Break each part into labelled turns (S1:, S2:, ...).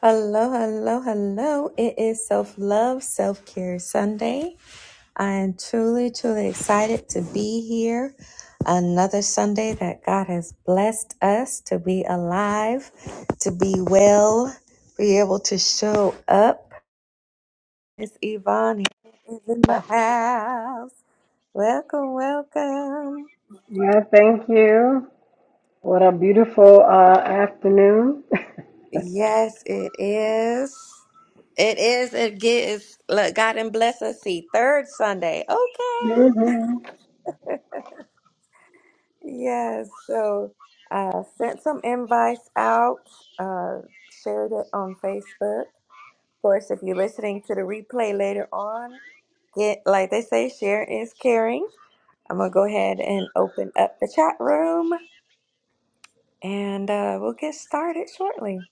S1: Hello, hello, hello. It is Self Love, Self Care Sunday. I am truly, truly excited to be here. Another Sunday that God has blessed us to be alive, to be well, be able to show up. It's Yvonne is in the
S2: Up.
S1: house. Welcome, welcome.
S2: Yeah, thank you. What a beautiful uh, afternoon.
S1: Yes, it is. It is. It gets. Look, God and bless us. See, third Sunday. Okay.
S2: Mhm.
S1: Yes, so uh, sent some invites out, uh, shared it on Facebook. Of course, if you're listening to the replay later on, get like they say, share is caring. I'm gonna go ahead and open up the chat room, and uh, we'll get started shortly.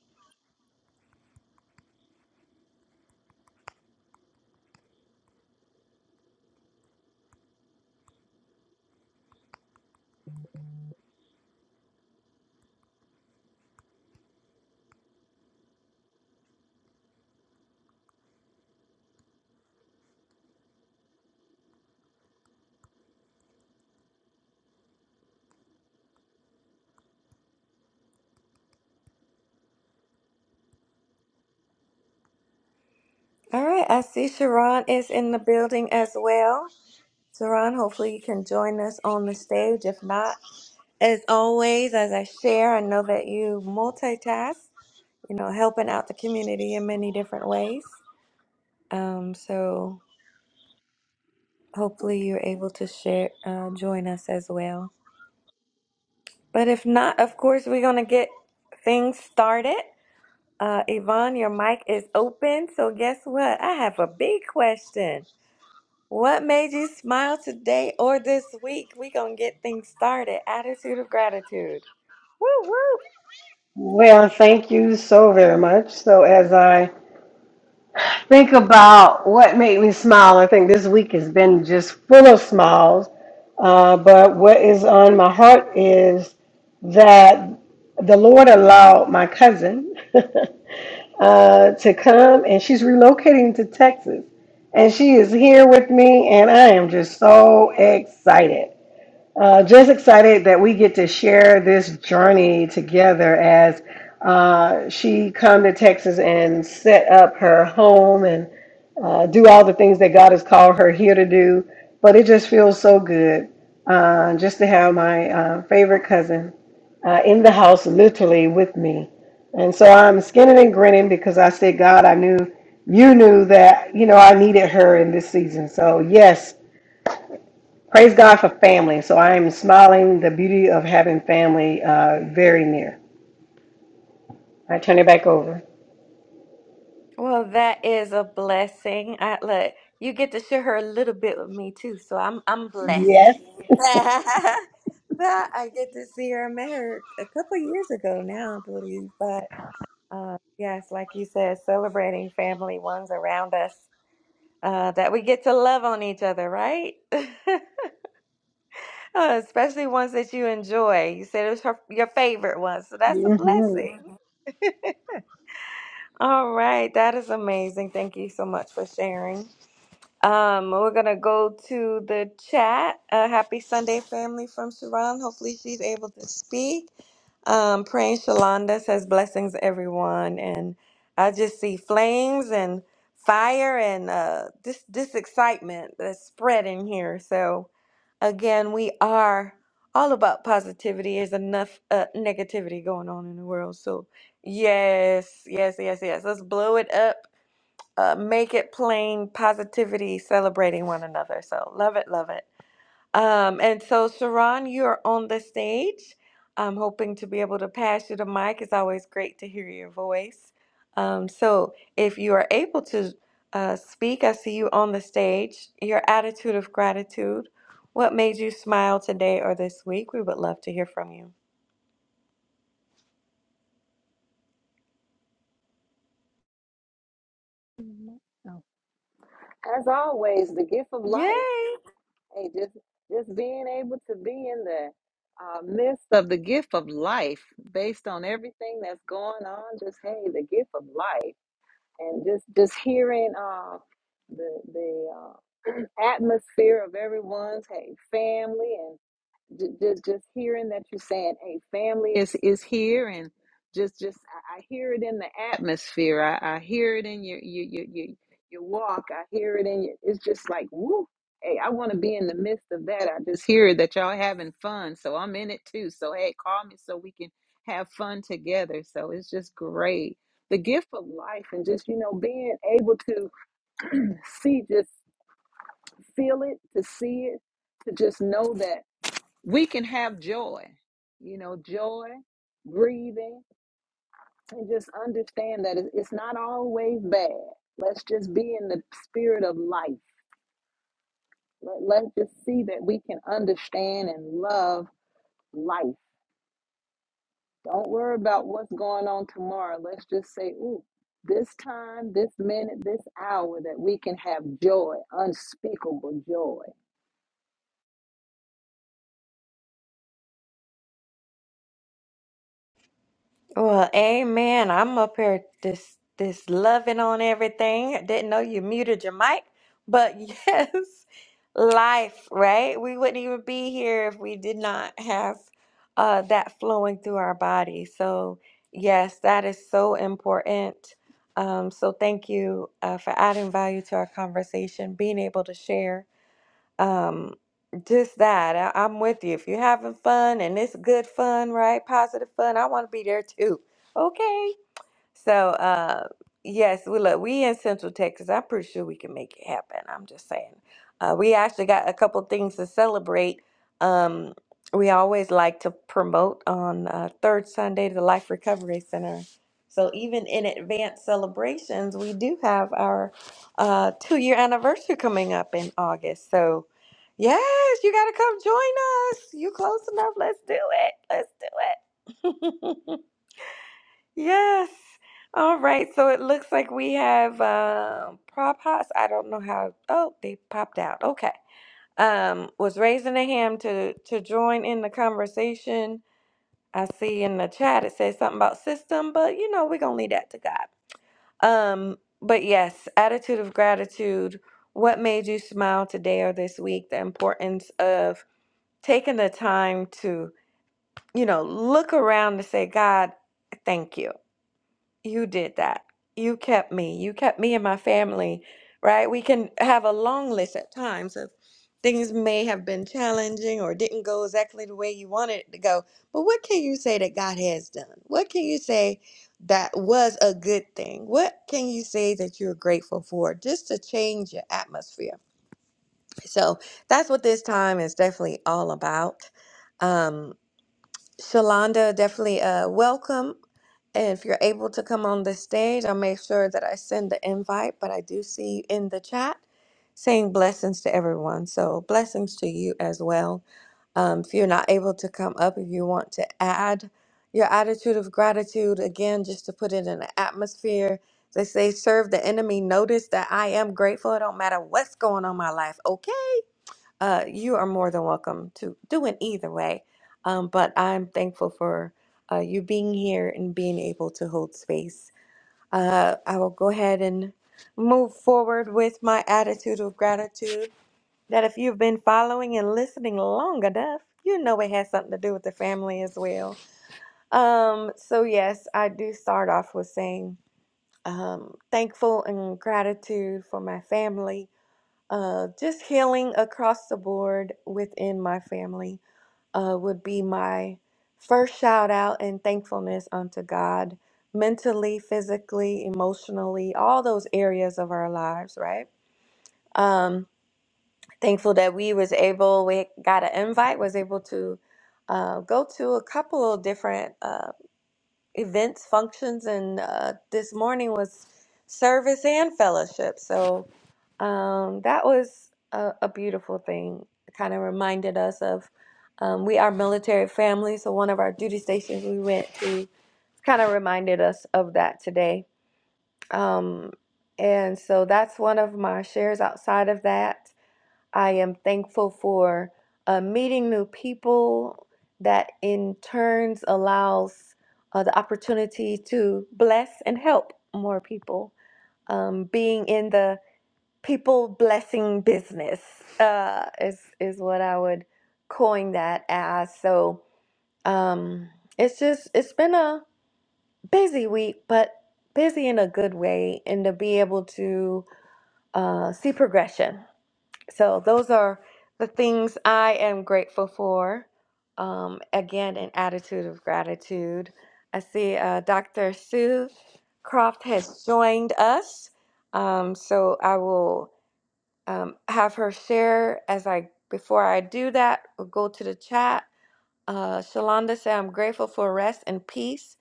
S1: All right, I see Sharon is in the building as well. Sharon, hopefully you can join us on the stage. If not, as always, as I share, I know that you multitask. you know, helping out the community in many different ways. Um, so hopefully you're able to share, uh, join us as well. But if not, of course, we're going to get things started. Uh, Yvonne, your mic is open. So guess what? I have a big question. What made you smile today or this week? We're going to get things started. Attitude of gratitude. Woo woo.
S2: Well, thank you so very much. So, as I think about what made me smile, I think this week has been just full of smiles. Uh, but what is on my heart is that the Lord allowed my cousin uh, to come, and she's relocating to Texas. And she is here with me, and I am just so excited. Uh, just excited that we get to share this journey together as uh, she come to Texas and set up her home and uh, do all the things that God has called her here to do. But it just feels so good uh, just to have my uh, favorite cousin uh, in the house, literally with me. And so I'm skinning and grinning because I said, God, I knew you knew that you know I needed her in this season. So yes Praise God for family. So I am smiling the beauty of having family uh, very near. I turn it back over.
S1: Well, that is a blessing. I look, you get to share her a little bit with me too, so I'm I'm
S2: Yes.
S1: blessed. that I get to see her. I met her a couple years ago now, I believe. But uh, yes, like you said, celebrating family ones around us uh, that we get to love on each other, right? Uh, Especially ones that you enjoy. You said it was her, your favorite one, so that's a
S2: hmm
S1: blessing. Mhm. All right, that is amazing. Thank you so much for sharing. Um, we're gonna go to the chat. Uh, happy Sunday, family from Sharon. Hopefully, she's able to speak. Um, praying Shalonda says blessings, everyone, and I just see flames and fire and uh, this this excitement that's spreading here. So, again, we are all about positivity. There's enough uh, negativity going on in the world, so yes, yes, yes, yes. Let's blow it up uh, make it plain positivity celebrating one another so love it love it um, and so sharon you're on the stage i'm hoping to be able to pass you the mic it's always great to hear your voice um, so if you are able to uh, speak i see you on the stage your attitude of gratitude what made you smile today or this week we would love to hear from you
S3: Mhm. Oh, As always, the gift of life.
S1: yay
S3: Hey, just just being able to be in the uh, midst of the gift of life, based on everything that's going on. Just hey, the gift of life, and just just hearing uh, the the uh, atmosphere of everyone's hey family ju- just just hearing that you're saying hey family is is here and just just i I hear it in the atmosphere i, I hear it in your your, your your your walk i hear it in your it's just like woo hey i want to be in the midst of that i just hear that y'all having fun so i'm in it too so hey call me so we can have fun together so it's just great the gift of life and just you know being able to see just feel it to see it to just know that we can have joy, you know, joy, grieving, and just understand that it- it's not always bad. Let's just be in the spirit of life. Let, let's just see that we can understand and love life. Don't worry about what's going on tomorrow. Let's just say, ooh, this time, this minute, this hour, that we can have joy, unspeakable joy.
S1: Well, amen. I'm up here this this loving on everything. Didn't know you muted your mic, but yes, life, right? We wouldn't even be here if we did not have uh that flowing through our body. So, yes, that is so important. Um, so thank you uh, for adding value to our conversation, being able to share um just that I, i'm with you if you're having fun and it's good fun right positive fun i want to be there too okay so, uh, yes, we look, we in Central Texas, I'm pretty sure we can make it happen. I'm just saying. Uh, we actually got a couple things to celebrate. Um, we always like to promote on uh, third Sunday the Life Recovery Center. So, even in advance celebrations, we do have our uh, two year anniversary coming up in August. So, yes, you got to come join us. You close enough. Let's do it. Let's do it. Yes. All right. So it looks like we have um prop hots. I don't know how. Oh, they popped out. Okay. Um, was raising a hand to to join in the conversation. I see in the chat it says something about system, but you know we're gonna leave that to God. Um, but yes, attitude of gratitude. What made you smile today or this week? The importance of taking the time to you know look around to say, God, thank you you did that. You kept me. You kept me and my family, right? We can have a long list at times of things may have been challenging or didn't go exactly the way you wanted it to go. But what can you say that God has done? What can you say that was a good thing? What can you say that you're grateful for just to change your atmosphere? So that's what this time is definitely all about. Um, Shalonda, definitely uh, welcome. And if you're able to come on the stage, I'll make sure that I send the invite. But I do see you in the chat saying blessings to everyone. So blessings to you as well. Um, if you're not able to come up, if you want to add your attitude of gratitude, again, just to put it in the atmosphere, they say, serve the enemy. Notice that I am grateful. It don't matter what's going on in my life. okay? Uh, you are more than welcome to do it either way. Um, but I'm thankful for uh, you being here and being able to hold space. Uh, I will go ahead and move forward with my attitude of gratitude that if you've been following and listening long enough, you know it has something to do with the family as well. Um, so, yes, I do start off with saying um, thankful and gratitude for my family uh, just healing across the board within my family uh, would be my first shout out and thankfulness unto God, mentally, physically, emotionally, all those areas of our lives, right? Um, thankful that we was able, we got an invite, was able to uh, go to a couple of different uh, events, functions, and uh, this morning was service and fellowship. So um, that was a, a beautiful thing. It kind of reminded us of um, we are military family. So one of our duty stations we went to kind of reminded us of that today. Um, and so that's one of my shares outside of that. I am thankful for uh, meeting new people that in turns allows uh, the opportunity to bless and help more people. Um, being in the people blessing business uh, is is what I would coin that as. So um, it's just it's been a busy week, but busy in a good way, and to be able to uh, see progression so those are the things I am grateful for. Um, again, an attitude of gratitude. I see uh, Dr. Sue Croft has joined us, um, so I will um, have her share as I before I do that. We'll go to the chat uh, Shalonda said, I'm grateful for rest and peace,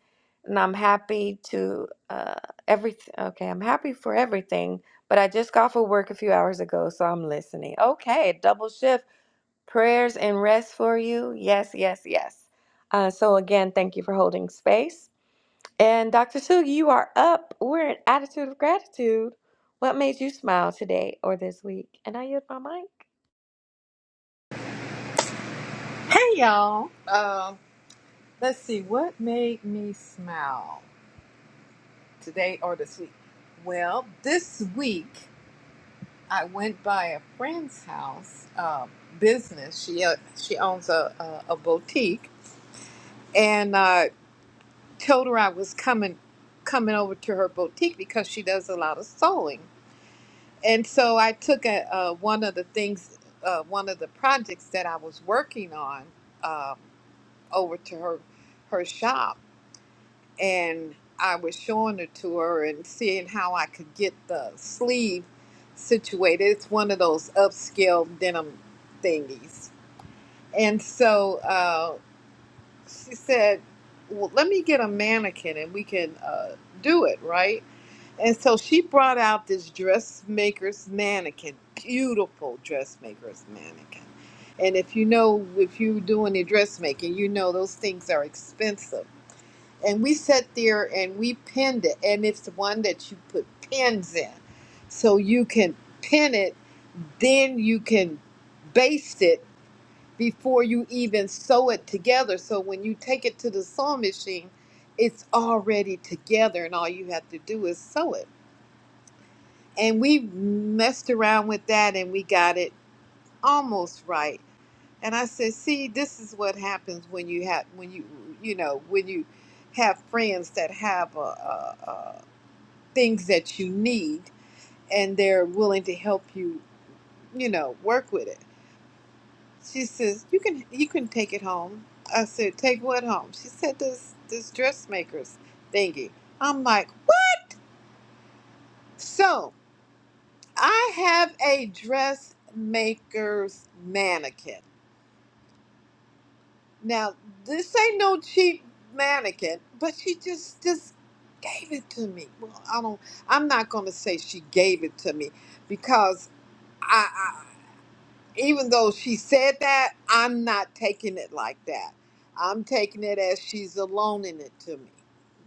S1: and I'm happy to uh, every. Okay, I'm happy for everything, but I just got for work a few hours ago, so I'm listening. Okay, double shift. Prayers and rest for you. Yes, yes, yes. Uh, so again, thank you for holding space. And Dr. Sue, you are up. We're in attitude of gratitude. What made you smile today or this week? And I yield my mic.
S4: Hey y'all. Um, let's see what made me smile today or this week. Well, this week I went by a friend's house uh, business. She uh, she owns a, a, a boutique, and uh, told her I was coming coming over to her boutique because she does a lot of sewing. And so I took a, uh, one of the things, uh, one of the projects that I was working on um, over to her her shop and I was showing it to her and seeing how I could get the sleeve situated. It's one of those upscale denim thingies. And so uh, she said, Well, let me get a mannequin and we can uh, do it, right? And so she brought out this dressmaker's mannequin, beautiful dressmaker's mannequin. And if you know, if you do any dressmaking, you know those things are expensive and we sat there and we pinned it and it's the one that you put pins in so you can pin it then you can baste it before you even sew it together so when you take it to the sewing machine it's already together and all you have to do is sew it and we messed around with that and we got it almost right and i said see this is what happens when you have when you you know when you have friends that have a, a, things that you need and they're willing to help you, you know, work with it. She says, You can you can take it home. I said, Take what home? She said this this dressmaker's thingy. I'm like, What so I have a dressmaker's mannequin. Now this ain't no cheap mannequin, but she just just gave it to me. Well, I don't I'm not gonna say she gave it to me because I. even though she said that, I'm not taking it like that. I'm taking it as she's aloning it to me.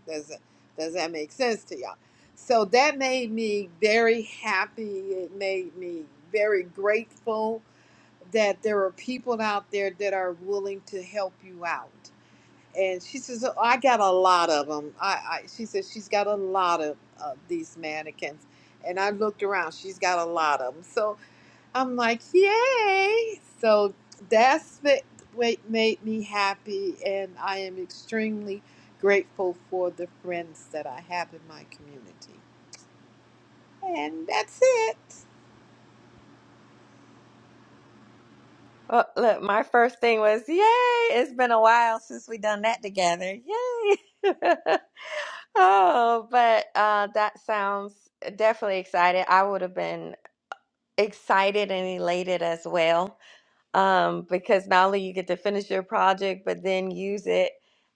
S4: Does that, does that make sense to y'all? So that made me very happy. It made me very grateful that there are people out there that are willing to help you out. And she says, oh, I got a lot of them. I, I, she says she's got a lot of uh, these mannequins. And I looked around, she's got a lot of them. So. I'm like, yay! So that's what what made me happy, and I am extremely grateful for the friends that I have in my community. And that's it.
S1: Well, look, my first thing was, yay, it's been a while since we done that together. Yay. Oh, but uh, that sounds definitely excited. I would have been excited and elated as well, um, because not only you get to finish your project, but then use it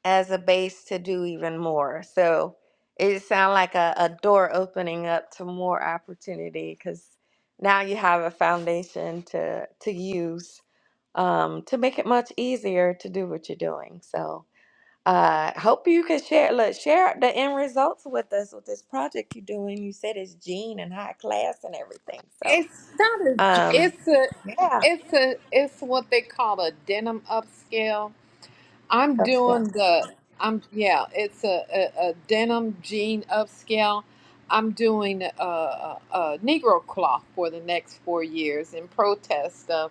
S1: as a base to do even more. So it sounds like a, a door opening up to more opportunity because now you have a foundation to to use um, to make it much easier to do what you're doing. So uh, hope you can share look, share the end results with us with this project you're doing. You said it's Gene and high class and everything. So
S4: It's not a. j-
S1: um,
S4: It's a.
S1: yeah,
S4: It's a. It's what they call a denim upscale. I'm
S1: let's go.
S4: doing the. I'm yeah. It's a a, a denim jean upscale. I'm doing a, a, a Negro cloth for the next four years in protest of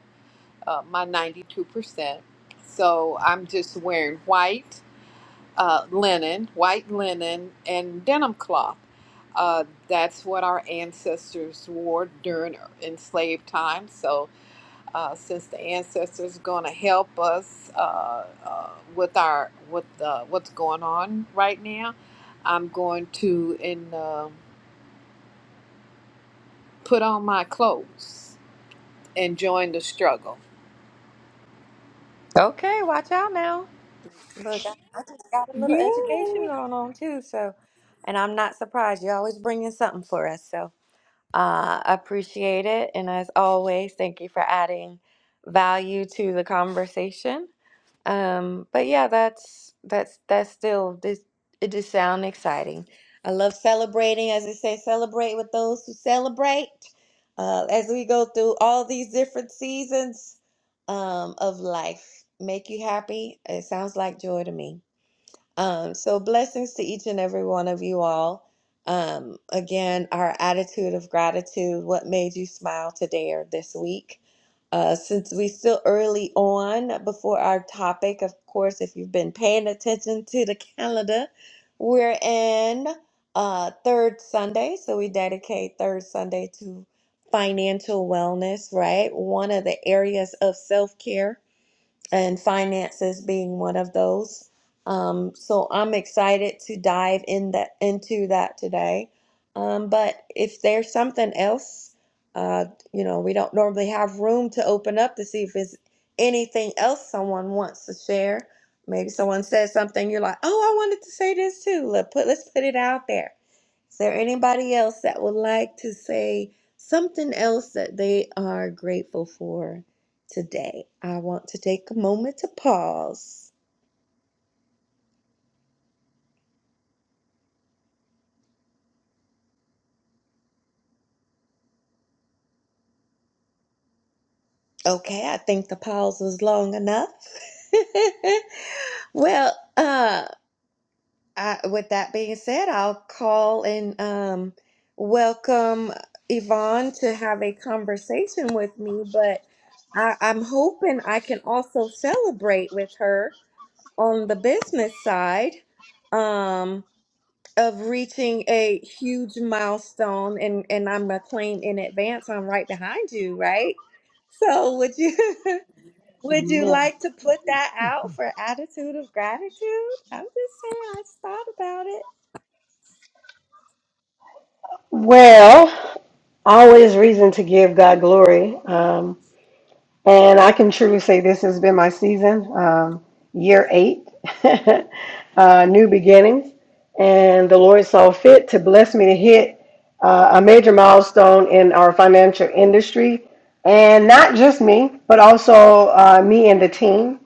S4: uh, my 92%. So I'm just wearing white uh, linen, white linen, and denim cloth. Uh, that's what our ancestors wore during enslaved time. So uh, since the ancestors going to help us uh, uh, with our with uh, what's going on right now, I'm going to in, uh, put on my clothes and join the struggle.
S1: Okay, watch out now. Look, I I just got a little
S4: Yeah.
S1: education going on too. So, and I'm not surprised. You're always bringing something for us. So uh, I appreciate it. And as always, thank you for adding value to the conversation. Um, but yeah, that's that's that's still this it just sound exciting. I love celebrating, as they say, celebrate with those who celebrate. Uh, as we go through all these different seasons um, of life, make you happy. It sounds like joy to me. Um, so blessings to each and every one of you all. Um, again, our attitude of gratitude, what made you smile today or this week? Uh, since we still early on before our topic, of course, if you've been paying attention to the calendar, we're in uh, third Sunday. So we dedicate third Sunday to financial wellness, right? One of the areas of self care and finances being one of those. Um, so I'm excited to dive in that into that today. Um, but if there's something else, uh, you know, we don't normally have room to open up to see if there's anything else someone wants to share. Maybe someone says something you're like, "Oh, I wanted to say this too." Let put let's put it out there. Is there anybody else that would like to say something else that they are grateful for? Today, I want to take a moment to pause. Okay, I think the pause was long enough. well, uh, I, with that being said, I'll call and um, welcome Yvonne to have a conversation with me, but I, I'm hoping I can also celebrate with her on the business side. Um, of reaching a huge milestone and and I'm gonna claim in advance I'm right behind you, right? So would you would you
S2: Yes.
S1: like to put that out for attitude of gratitude? I'm just saying I just thought about it.
S2: Well, always reason to give God glory. Um, And I can truly say this has been my season, um, year eight, uh, new beginnings. And the Lord saw fit to bless me to hit uh, a major milestone in our financial industry. And not just me, but also uh, me and the team.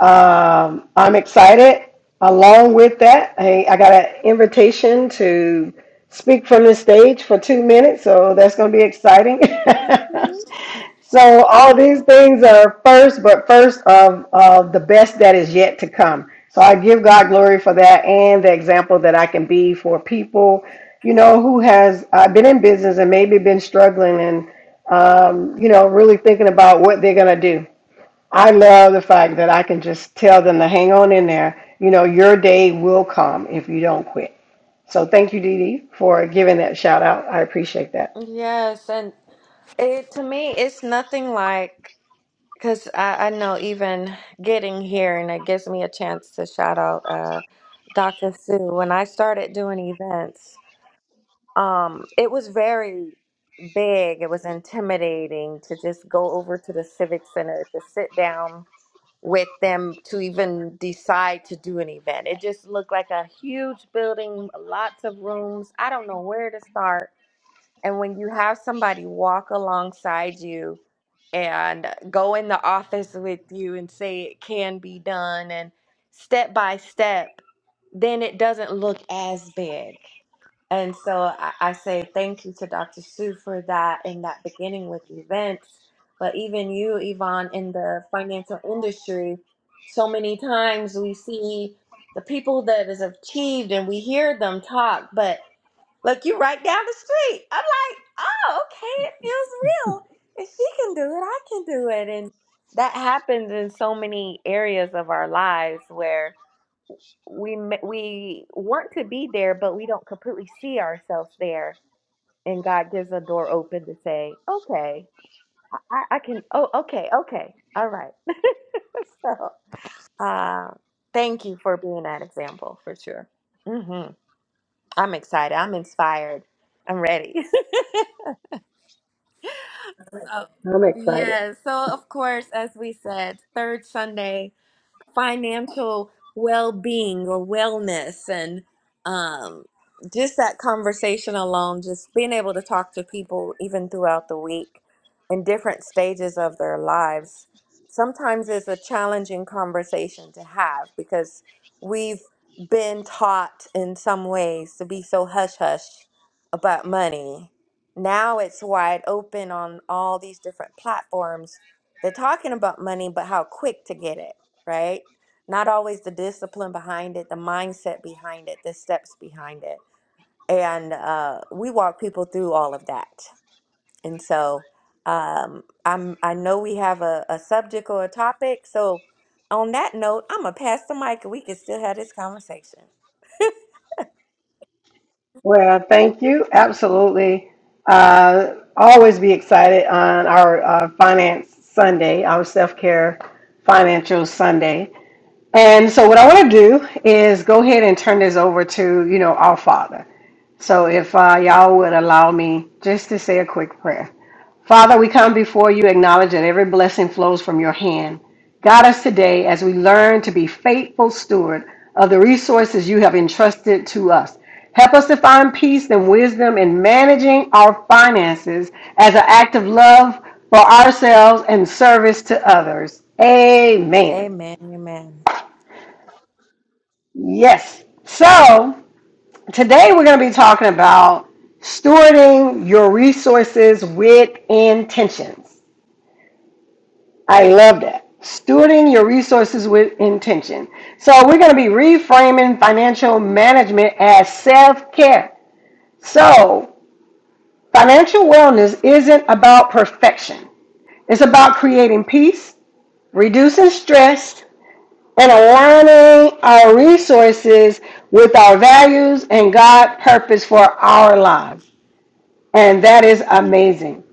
S2: Um, I'm excited. Along with that, I, I got an invitation to speak from the stage for two minutes, so that's going to be exciting.
S1: hmm
S2: So all these things are first, but first of, of the best that is yet to come. So I give God glory for that and the example that I can be for people, you know, who has uh, been in business and maybe been struggling and, um, you know, really thinking about what they're going to do. I love the fact that I can just tell them to hang on in there. You know, your day will come if you don't quit. So thank you, Dee Dee, for giving that shout out. I appreciate that.
S1: Yes, and it to me it's nothing like because I, I know even getting here and it gives me a chance to shout out uh, Dr. Sue. When I started doing events, Um, it was very big. It was intimidating to just go over to the civic center to sit down with them to even decide to do an event. It just looked like a huge building, lots of rooms. I don't know where to start. And when you have somebody walk alongside you and go in the office with you and say it can be done and step by step, then it doesn't look as big. And so I, I say thank you to Dr. Sue for that and that beginning with events. But even you, Yvonne, in the financial industry, so many times we see the people that has achieved and we hear them talk, but look, you right down the street. I'm like, oh, okay, it feels real. If she can do it, I can do it. And that happens in so many areas of our lives where we we want to be there, but we don't completely see ourselves there. And God gives a door open to say, "Okay, I, I can. Oh, okay, okay, all right." so, uh, thank you for being that example for sure. hmm I'm excited. I'm inspired. I'm ready. Oh,
S2: I'm excited.
S1: yes. so, of course, as we said, third Sunday financial well-being or wellness and um, just that conversation alone just being able to talk to people even throughout the week in different stages of their lives sometimes is a challenging conversation to have because we've been taught in some ways to be so hush-hush about money now it's wide open on all these different platforms they're talking about money but how quick to get it right? Not always the discipline behind it, the mindset behind it, the steps behind it. And uh, we walk people through all of that. And so um, I'm, I know we have a, a subject or a topic. So on that note, I'm going to pass the mic and we can still have this conversation.
S2: Well, thank you. Absolutely. Uh, always be excited on our uh, Finance Sunday, our self care financial Sunday. And so what I want to do is go ahead and turn this over to, you know, our Father. So if uh, y'all would allow me just to say a quick prayer. Father, we come before you, acknowledge that every blessing flows from your hand. Guide us today as we learn to be faithful steward of the resources you have entrusted to us. Help us to find peace and wisdom in managing our finances as an act of love for ourselves and service to others. Amen.
S1: Amen. Amen.
S2: Yes. So today we're going to be talking about stewarding your resources with intentions. I love that. Stewarding your resources with intention. So we're going to be reframing financial management as self care. So financial wellness isn't about perfection, it's about creating peace, reducing stress, and aligning our resources with our values and God's purpose for our lives. And that is amazing.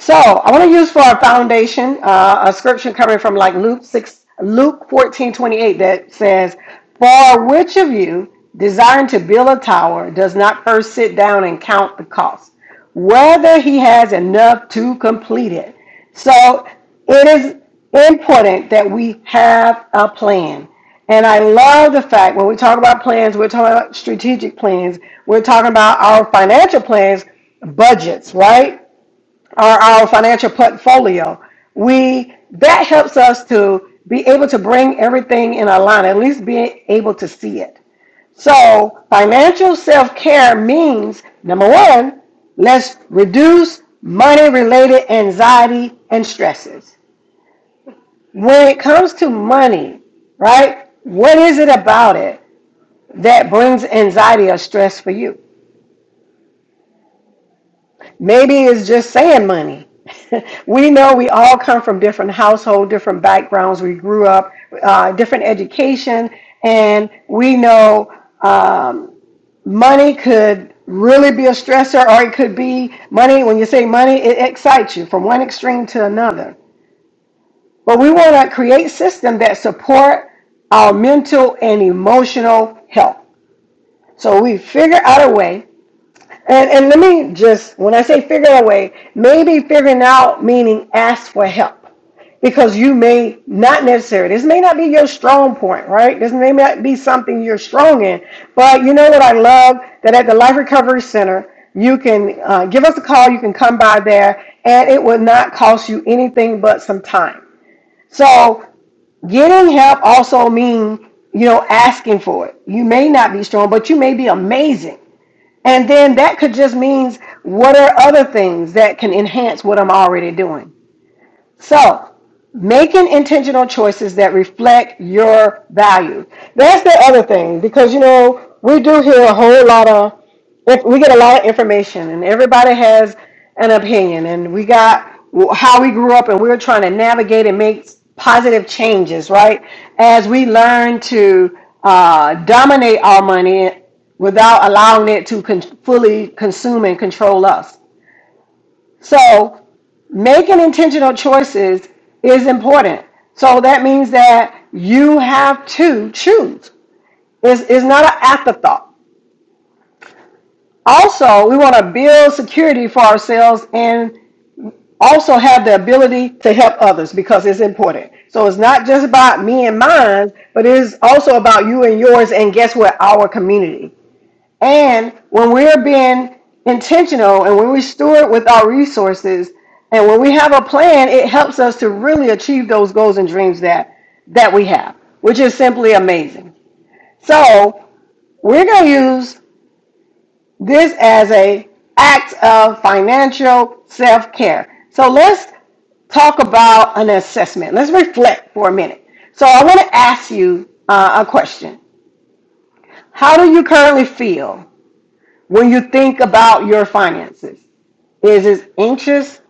S2: So I want to use for our foundation uh, a scripture coming from like Luke six, Luke fourteen twenty eight that says, "For which of you desiring to build a tower does not first sit down and count the cost, whether he has enough to complete it?" So it is important that we have a plan. And I love the fact when we talk about plans, we're talking about strategic plans, we're talking about our financial plans, budgets, right? or our financial portfolio. We that helps us to be able to bring everything in a line, at least being able to see it. So financial self-care means number one, let's reduce money-related anxiety and stresses. When it comes to money, right? What is it about it that brings anxiety or stress for you? Maybe it's just saying money. we know we all come from different household, different backgrounds. We grew up, uh, different education, and we know um, money could really be a stressor, or it could be money. When you say money, it excites you from one extreme to another. But we want to create systems that support our mental and emotional health. So we figure out a way and, and let me just, when I say figure out a way, maybe figuring out meaning ask for help because you may not necessarily, this may not be your strong point, right? This may not be something you're strong in. But you know what I love? That at the Life Recovery Center, you can uh, give us a call, you can come by there, and it will not cost you anything but some time. So getting help also means, you know, asking for it. You may not be strong, but you may be amazing and then that could just means what are other things that can enhance what I'm already doing? So, making intentional choices that reflect your value. That's the other thing because you know we do hear a whole lot of if we get a lot of information and everybody has an opinion and we got how we grew up and we're trying to navigate and make positive changes right as we learn to uh, dominate our money without allowing it to con- fully consume and control us so making intentional choices is important. So that means that you have to choose. It's, it's not an afterthought. Also, we want to build security for ourselves and also have the ability to help others because it's important. So it's not just about me and mine, but it is also about you and yours and guess what? Our community. And when we're being intentional and when we steward with our resources and when we have a plan, it helps us to really achieve those goals and dreams that that we have, which is simply amazing. So we're going to use this as a act of financial self-care. So let's talk about an assessment. Let's reflect for a minute. So I want to ask you uh, a question. How do you currently feel when you think about your finances? Is it anxious?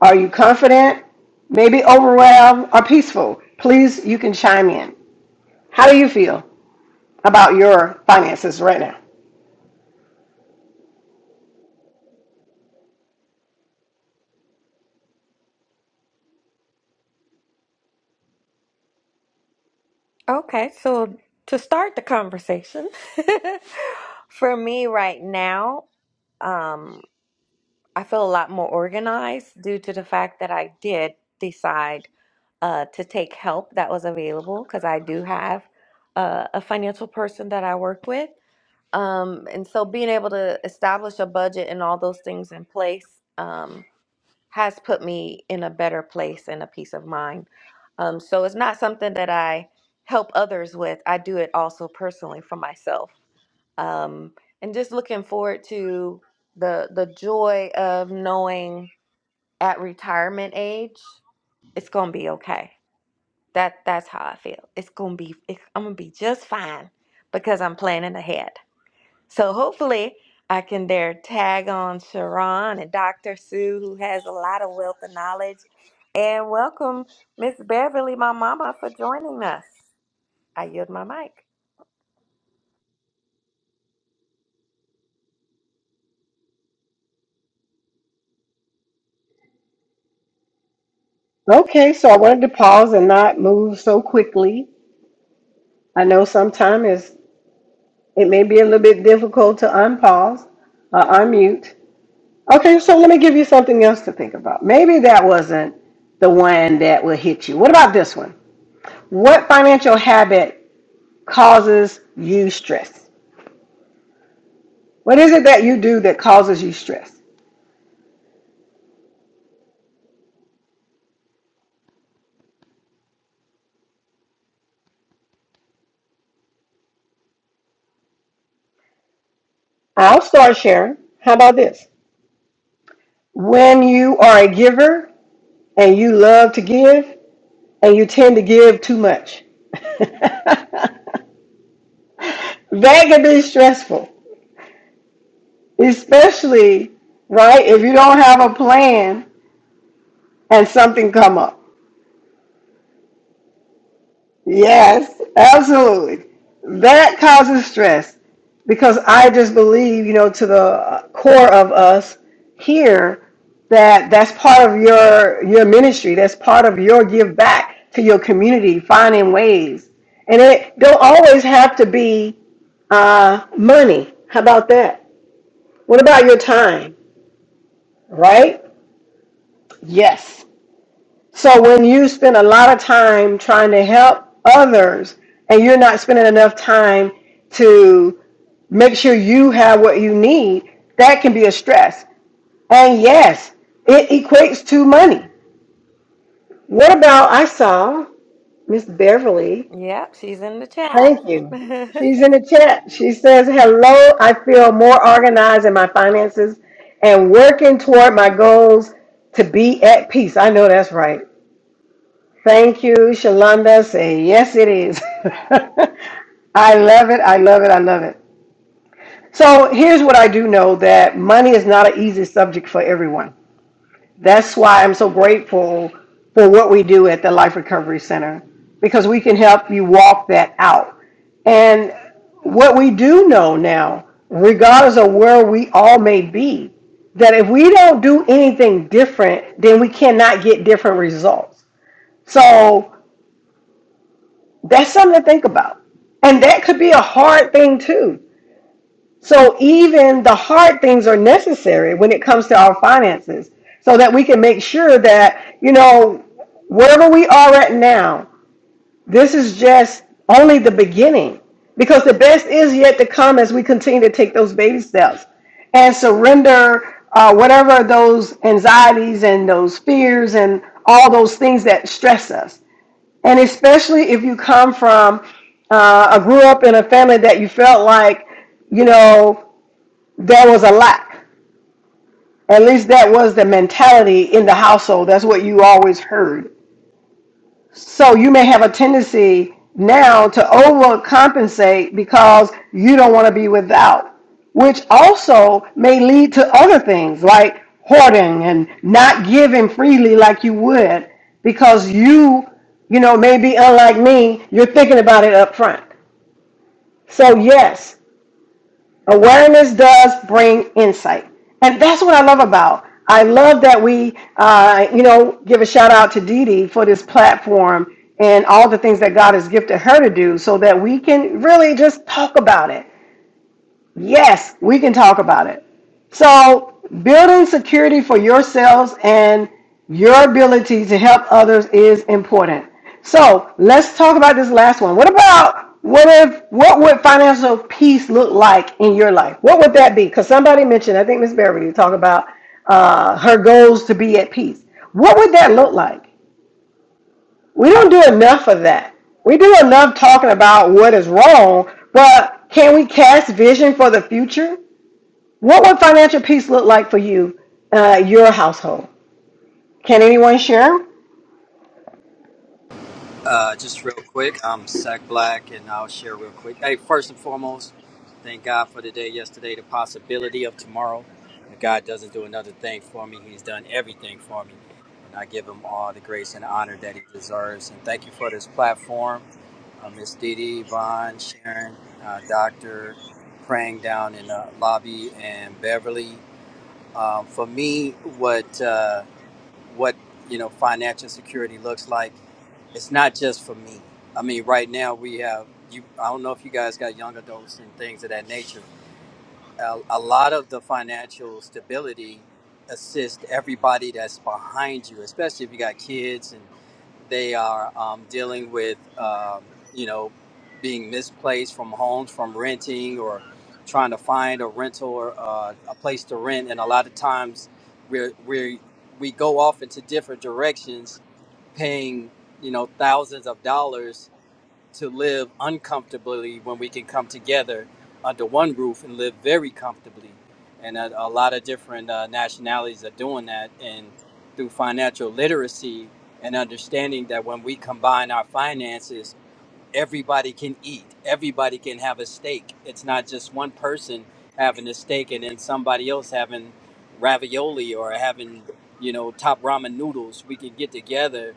S2: Are you confident? Maybe overwhelmed or peaceful? Please, you can chime in. How do you feel about your finances right now?
S1: Okay, so to start the conversation, for me right now, um, I feel a lot more organized due to the fact that I did decide uh, to take help that was available because I do have uh, a financial person that I work with. Um, and so being able to establish a budget and all those things in place um, has put me in a better place and a peace of mind. Um, so it's not something that I help others with. I do it also personally for myself. Um, and just looking forward to the the joy of knowing at retirement age, it's gonna be okay. That that's how I feel. It's gonna be. It, I'm gonna be just fine because I'm planning ahead. So hopefully I can dare tag on Sharon and Dr. Sue, who has a lot of wealth and knowledge. And welcome Miss Beverly, my mama, for joining us. I yield my mic.
S2: Okay, so I wanted to pause and not move so quickly. I know sometimes it may be a little bit difficult to unpause or unmute. Okay, so let me give you something else to think about. Maybe that wasn't the one that will hit you. What about this one? What financial habit causes you stress? What is it that you do that causes you stress? I'll start sharing. How about this? When you are a giver and you love to give and you tend to give too much, that can be stressful, especially, right, if you don't have a plan and something come up. Yes, absolutely. That causes stress because I just believe, you know, to the core of us here that that's part of your your ministry. That's part of your give back to your community, finding ways. And it don't always have to be uh, money. How about that? What about your time? Right? Yes. So when you spend a lot of time trying to help others and you're not spending enough time to make sure you have what you need, that can be a stress. And yes, it equates to money. What about I saw Miss Beverly.
S1: Yep, she's in the chat.
S2: Thank you. She's in the chat. She says, "Hello, I feel more organized in my finances and working toward my goals to be at peace." I know that's right. Thank you, Shalonda. Say, yes, it is. I love it. I love it. I love it. So here's what I do know that money is not an easy subject for everyone. That's why I'm so grateful for what we do at the Life Recovery Center because we can help you walk that out. And what we do know now, regardless of where we all may be, that if we don't do anything different, then we cannot get different results. So That's something to think about. And that could be a hard thing too. So even the hard things are necessary when it comes to our finances so that we can make sure that, you know, wherever we are at now, this is just only the beginning because the best is yet to come as we continue to take those baby steps and surrender uh, whatever those anxieties and those fears and all those things that stress us. And especially if you come from, uh, I grew up in a family that you felt like, you know, there was a lack. At least that was the mentality in the household. That's what you always heard. So you may have a tendency now to overcompensate because you don't want to be without, which also may lead to other things like hoarding and not giving freely like you would because you, you know, maybe unlike me, you're thinking about it up front. So yes, Awareness does bring insight. And that's what I love about. I love that we, uh, you know, give a shout out to Dee Dee for this platform and all the things that God has gifted her to do so that we can really just talk about it. Yes, we can talk about it. So, building security for yourselves and your ability to help others is important. So, let's talk about this last one. What about what if what would financial peace look like in your life? What would that be? Because somebody mentioned, I think Miss Beverly talked about uh, her goals to be at peace. What would that look like? We don't do enough of that. We do enough talking about what is wrong, but can we cast vision for the future? What would financial peace look like for you, uh, your household? Can anyone share?
S5: Uh, just real quick, I'm Sack Black, and I'll share real quick. Hey, first and foremost, thank God for the day yesterday, the possibility of tomorrow. If God doesn't do another thing for me, He's done everything for me, and I give Him all the grace and honor that He deserves. And thank you for this platform, uh, Miss Didi, Vaughn, Sharon, uh, Doctor, praying down in the lobby, and Beverly. Um, for me, what? Uh, what you know financial security looks like it's not just for me i mean right now we have you i don't know if you guys got young adults and things of that nature a, a lot of the financial stability assists everybody that's behind you especially if you got kids and. They are um, dealing with, um, you know, being misplaced from homes, from renting or trying to find a rental or uh, a place to rent. And a lot of times we're, we're, we go off into different directions, paying, you know, thousands of dollars to live uncomfortably when we can come together under one roof and live very comfortably. And a, a lot of different uh, nationalities are doing that. And through financial literacy and understanding that when we combine our finances, everybody can eat. Everybody can have a steak. It's not just one person having a steak and then somebody else having ravioli or having, you know, top ramen noodles. We can get together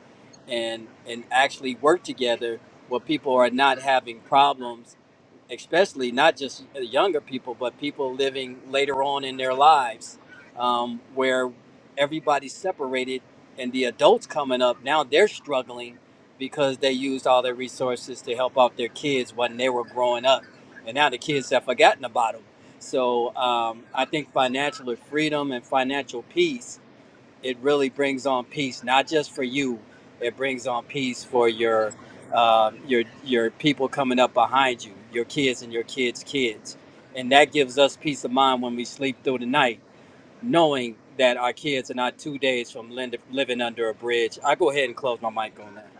S5: and and actually work together where people are not having problems especially not just younger people, but people living later on in their lives, um, where everybody's separated, and the adults coming up now they're struggling because they used all their resources to help out their kids when they were growing up, and now the kids have forgotten about them. So um, I think financial freedom and financial peace it really brings on peace, not just for you. It brings on peace for your um, your your people coming up behind you, your kids and your kids' kids, and that gives us peace of mind when we sleep through the night, knowing that our kids are not two days from lind- living under a bridge. I go ahead and close my mic on that.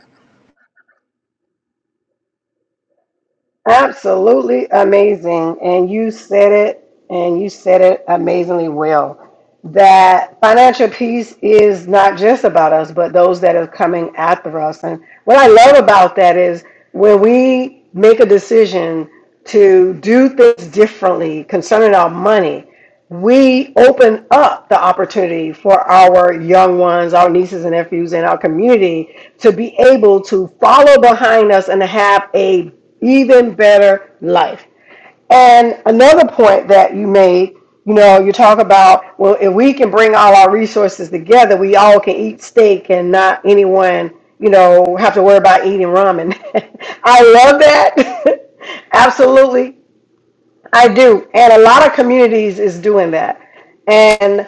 S2: Absolutely amazing. And you said it, and you said it amazingly well. That financial peace is not just about us, but those that are coming after us. And what I love about that is when we make a decision to do things differently concerning our money, we open up the opportunity for our young ones, our nieces and nephews in our community to be able to follow behind us and have a even better life. And another point that you made, you know, you talk about, well, if we can bring all our resources together, we all can eat steak and not anyone, you know, have to worry about eating ramen. I love that. Absolutely. I do. And a lot of communities is doing that. And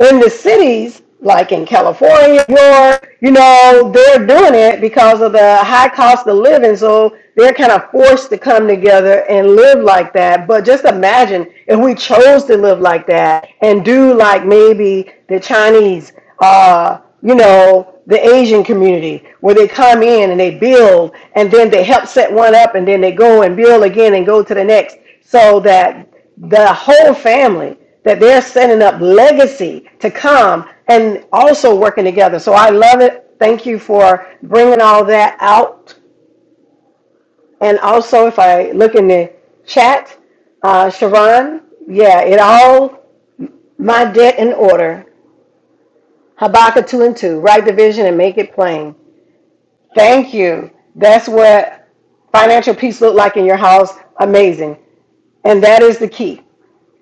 S2: in the cities, like in California, New York, you know, they're doing it because of the high cost of living. So they're kind of forced to come together and live like that. But just imagine if we chose to live like that and do like maybe the Chinese, uh, you know, the Asian community where they come in and they build and then they help set one up and then they go and build again and go to the next so that the whole family that they're setting up legacy to come and also working together. So I love it. Thank you for bringing all that out. And also, if I look in the chat, uh, Sharon, yeah, it all my debt in order. Habakkuk 2 and 2, write the vision and make it plain. Thank you. That's what financial peace look like in your house. Amazing. And that is the key.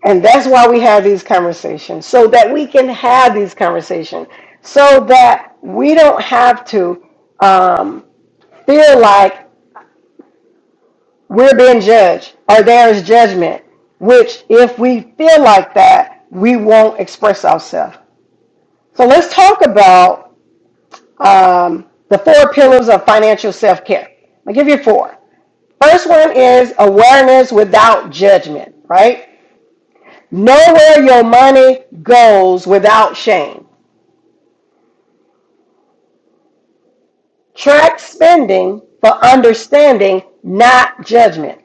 S2: And that's why we have these conversations, so that we can have these conversations, so that we don't have to um, feel like we're being judged or there is judgment, which, if we feel like that, we won't express ourselves. So let's talk about um, the four pillars of financial self care. I'll give you four. First one is awareness without judgment, right? Know where your money goes without shame. Track spending for understanding, not judgment,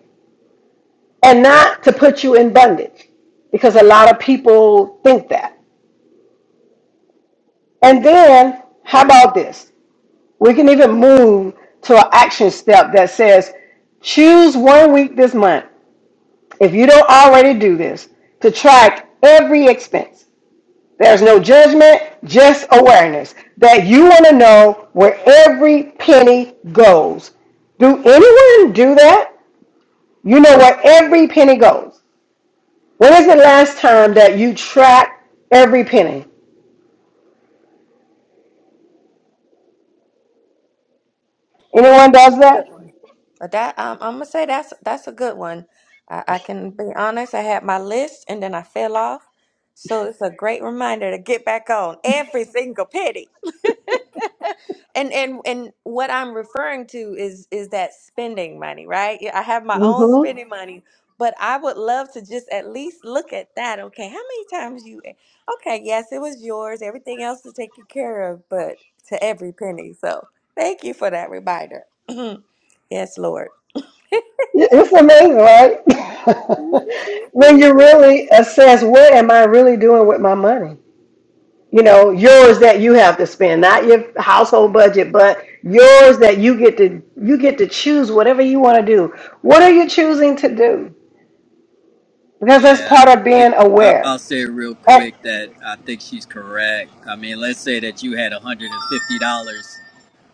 S2: and not to put you in bondage, because a lot of people think that. And then, how about this? We can even move to an action step that says choose one week this month, if you don't already do this, to track every expense. There's no judgment, just awareness that you want to know where every penny goes. Do anyone do that? You know where every penny goes. When is the last time that you track every penny? Anyone
S1: That's
S2: does
S1: a
S2: that?
S1: good one. But that um, I'm gonna say that's that's a good one. I, I can be honest. I had my list and then I fell off, so it's a great reminder to get back on every single penny. And and and what I'm referring to is is that spending money, right? Yeah, I have my own
S2: hmm
S1: spending Mhm. money, but I would love to just at least look at that. Okay, how many times you? Okay, yes, it was yours. Everything else is taken care of, but to every penny. So thank you for that reminder. yes, Lord.
S2: It's amazing, right? when you
S1: Well,
S2: really assess what am I really doing with my money? You know, yours that you have to spend, not your household budget, but yours that you get to you get to choose whatever you want to do. What are you choosing to do? Because that's
S5: Yeah,
S2: part
S5: I
S2: of
S5: think
S2: being
S5: I-
S2: aware.
S5: I'll say real
S2: That-
S5: quick that I think she's correct. I mean, let's say that you had one hundred and fifty dollars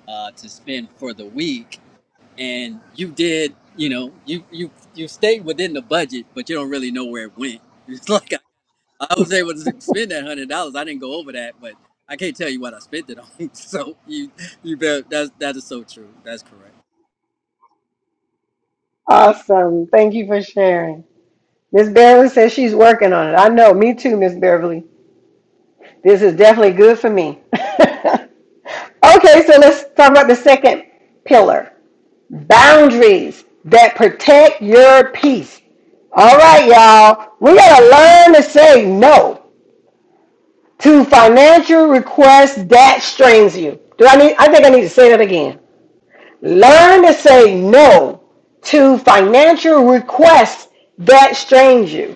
S5: uh, to spend for the week and you did you know you you you stayed within the budget but you don't really know where it went it's like i, I was able to spend that hundred dollars i didn't go over that but i can't tell you what i spent it on so you you bet that's that is so true that's correct
S2: awesome. Thank you for sharing. Miss Beverly says she's working on it. I know. Me too, Miss Beverly. This is definitely good for me. Okay, so let's talk about the second pillar boundaries that protect your peace. All right, y'all, we gotta learn to say no to financial requests that strains you. Do I need, I think I need to say that again. Learn to say no to financial requests that strains you.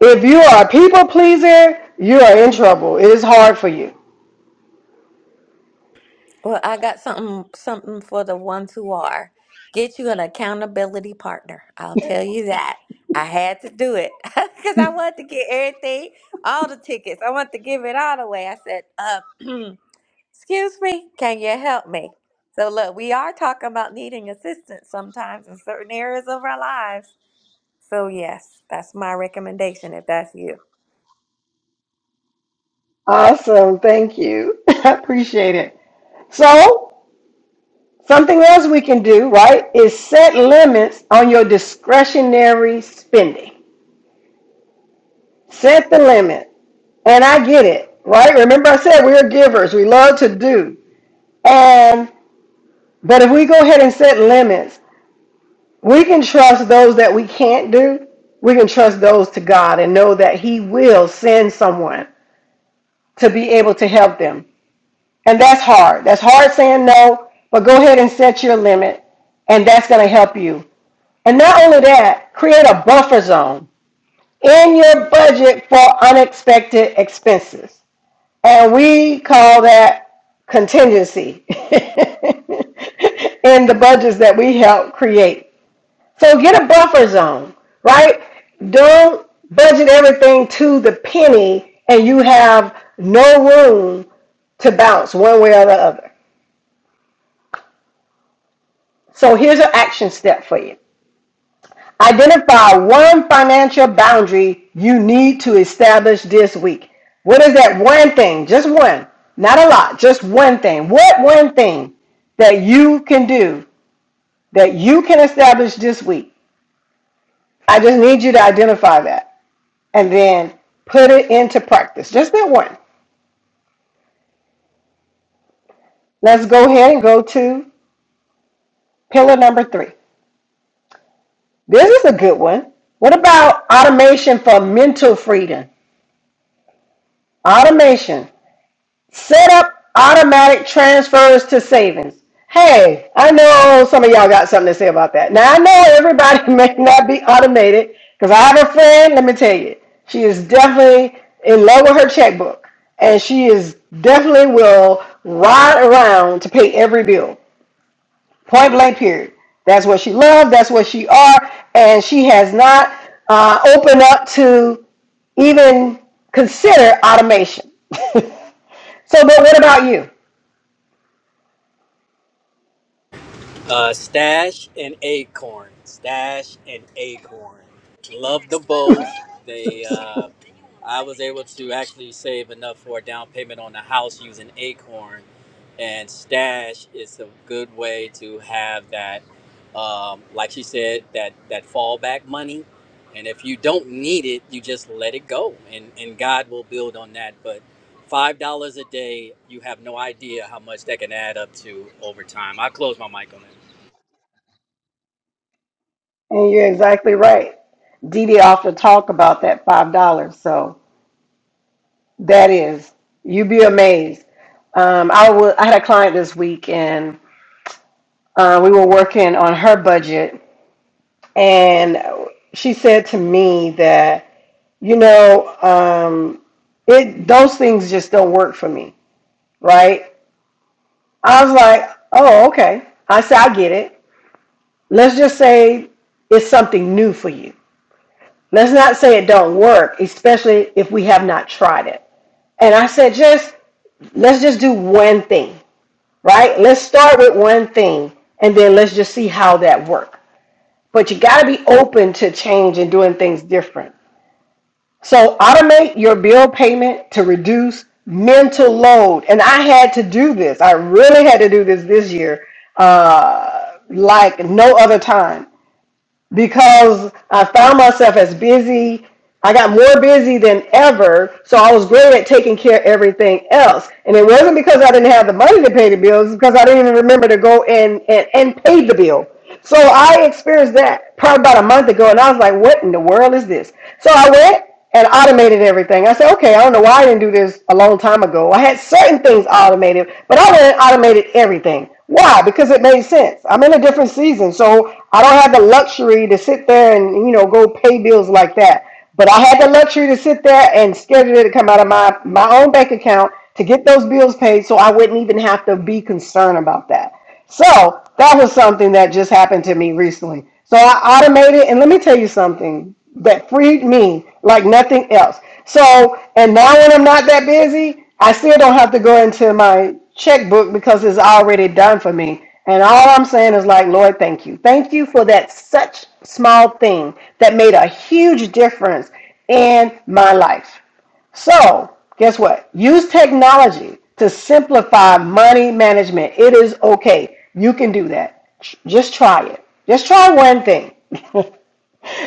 S2: If you are a people pleaser, you are in trouble. It is hard for you.
S1: I got something something for the ones who are. Get you an accountability partner. I'll tell you that. I had to do it because I wanted to get everything, all the tickets. I wanted to give it all away. I said, uh, "Excuse me, can you help me?" So look, we are talking about needing assistance sometimes in certain areas of our lives. So yes, that's my recommendation if that's you.
S2: Awesome. Thank you. I appreciate it. So, something else we can do, right, is set limits on your discretionary spending. Set the limit. And I get it, right? Remember I said we're givers. We love to do. And but if we go ahead and set limits, we can trust those that we can't do. We can trust those to God and know that he will send someone to be able to help them. And that's hard. That's hard saying no, but go ahead and set your limit, and that's going to help you. And not only that, create a buffer zone in your budget for unexpected expenses. And we call that contingency in the budgets that we help create. So get a buffer zone, right? Don't budget everything to the penny and you have no room to bounce one way or the other. So here's an action step for you. Identify one financial boundary you need to establish this week. What is that one thing? Just one. Not a lot, just one thing. What one thing that you can do that you can establish this week? I just need you to identify that. and then put it into practice. Just that one. Let's go ahead and go to pillar number three. This is a good one. What about automation for mental freedom? Automation. Set up automatic transfers to savings. Hey, I know some of y'all got something to say about that. Now, I know everybody may not be automated because I have a friend, let me tell you, she is definitely in love with her checkbook and she is definitely will ride around to pay every bill. Point blank, period. That's what she loved. That's what she are, and she has not uh, opened up to even consider automation. So, but what about you?
S5: Uh, Stash and Acorn. Stash and Acorn. Love the both. They, uh, I was able to actually save enough for a down payment on a house using Acorn, and Stash is a good way to have that, um, like she said, that that fallback money. And if you don't need it, you just let it go, and and God will build on that. But five dollars a day, you have no idea how much that can add up to over time. I close my mic on that.
S2: And you're exactly right. Dee Dee often talk about that five dollars. So that is, you'd be amazed. Um, I wa- I had a client this week, and uh, we were working on her budget, and she said to me that you know, um, it those things just don't work for me, right? I was like, oh, okay. I said, I get it. Let's just say it's something new for you. Let's not say it don't work, especially if we have not tried it. And I said, just let's just do one thing, right? Let's start with one thing, and then let's just see how that works. But you got to be open to change and doing things different So automate your bill payment to reduce mental load. And I had to do this. I really had to do this this year, uh, like no other time, because I found myself as busy. I got more busy than ever, so I was great at taking care of everything else. And it wasn't because I didn't have the money to pay the bills, it's because I didn't even remember to go and, and, and pay the bill. So I experienced that probably about a month ago, and I was like, what in the world is this? So I went and automated everything. I said, okay, I don't know why I didn't do this a long time ago. I had certain things automated, but I didn't automated everything. Why? Because it made sense. I'm in a different season, so I don't have the luxury to sit there and you know go pay bills like that. But I had the luxury to sit there and schedule it to come out of my my own bank account to get those bills paid, so I wouldn't even have to be concerned about that. So that was something that just happened to me recently. So I automated, and let me tell you something that freed me like nothing else. So, and now when I'm not that busy, I still don't have to go into my checkbook because it's already done for me. And all I'm saying is like, Lord, thank you. Thank you for that such small thing that made a huge difference in my life. So, guess what? Use technology to simplify money management. It is okay. You can do that. Just try it. Just try one thing.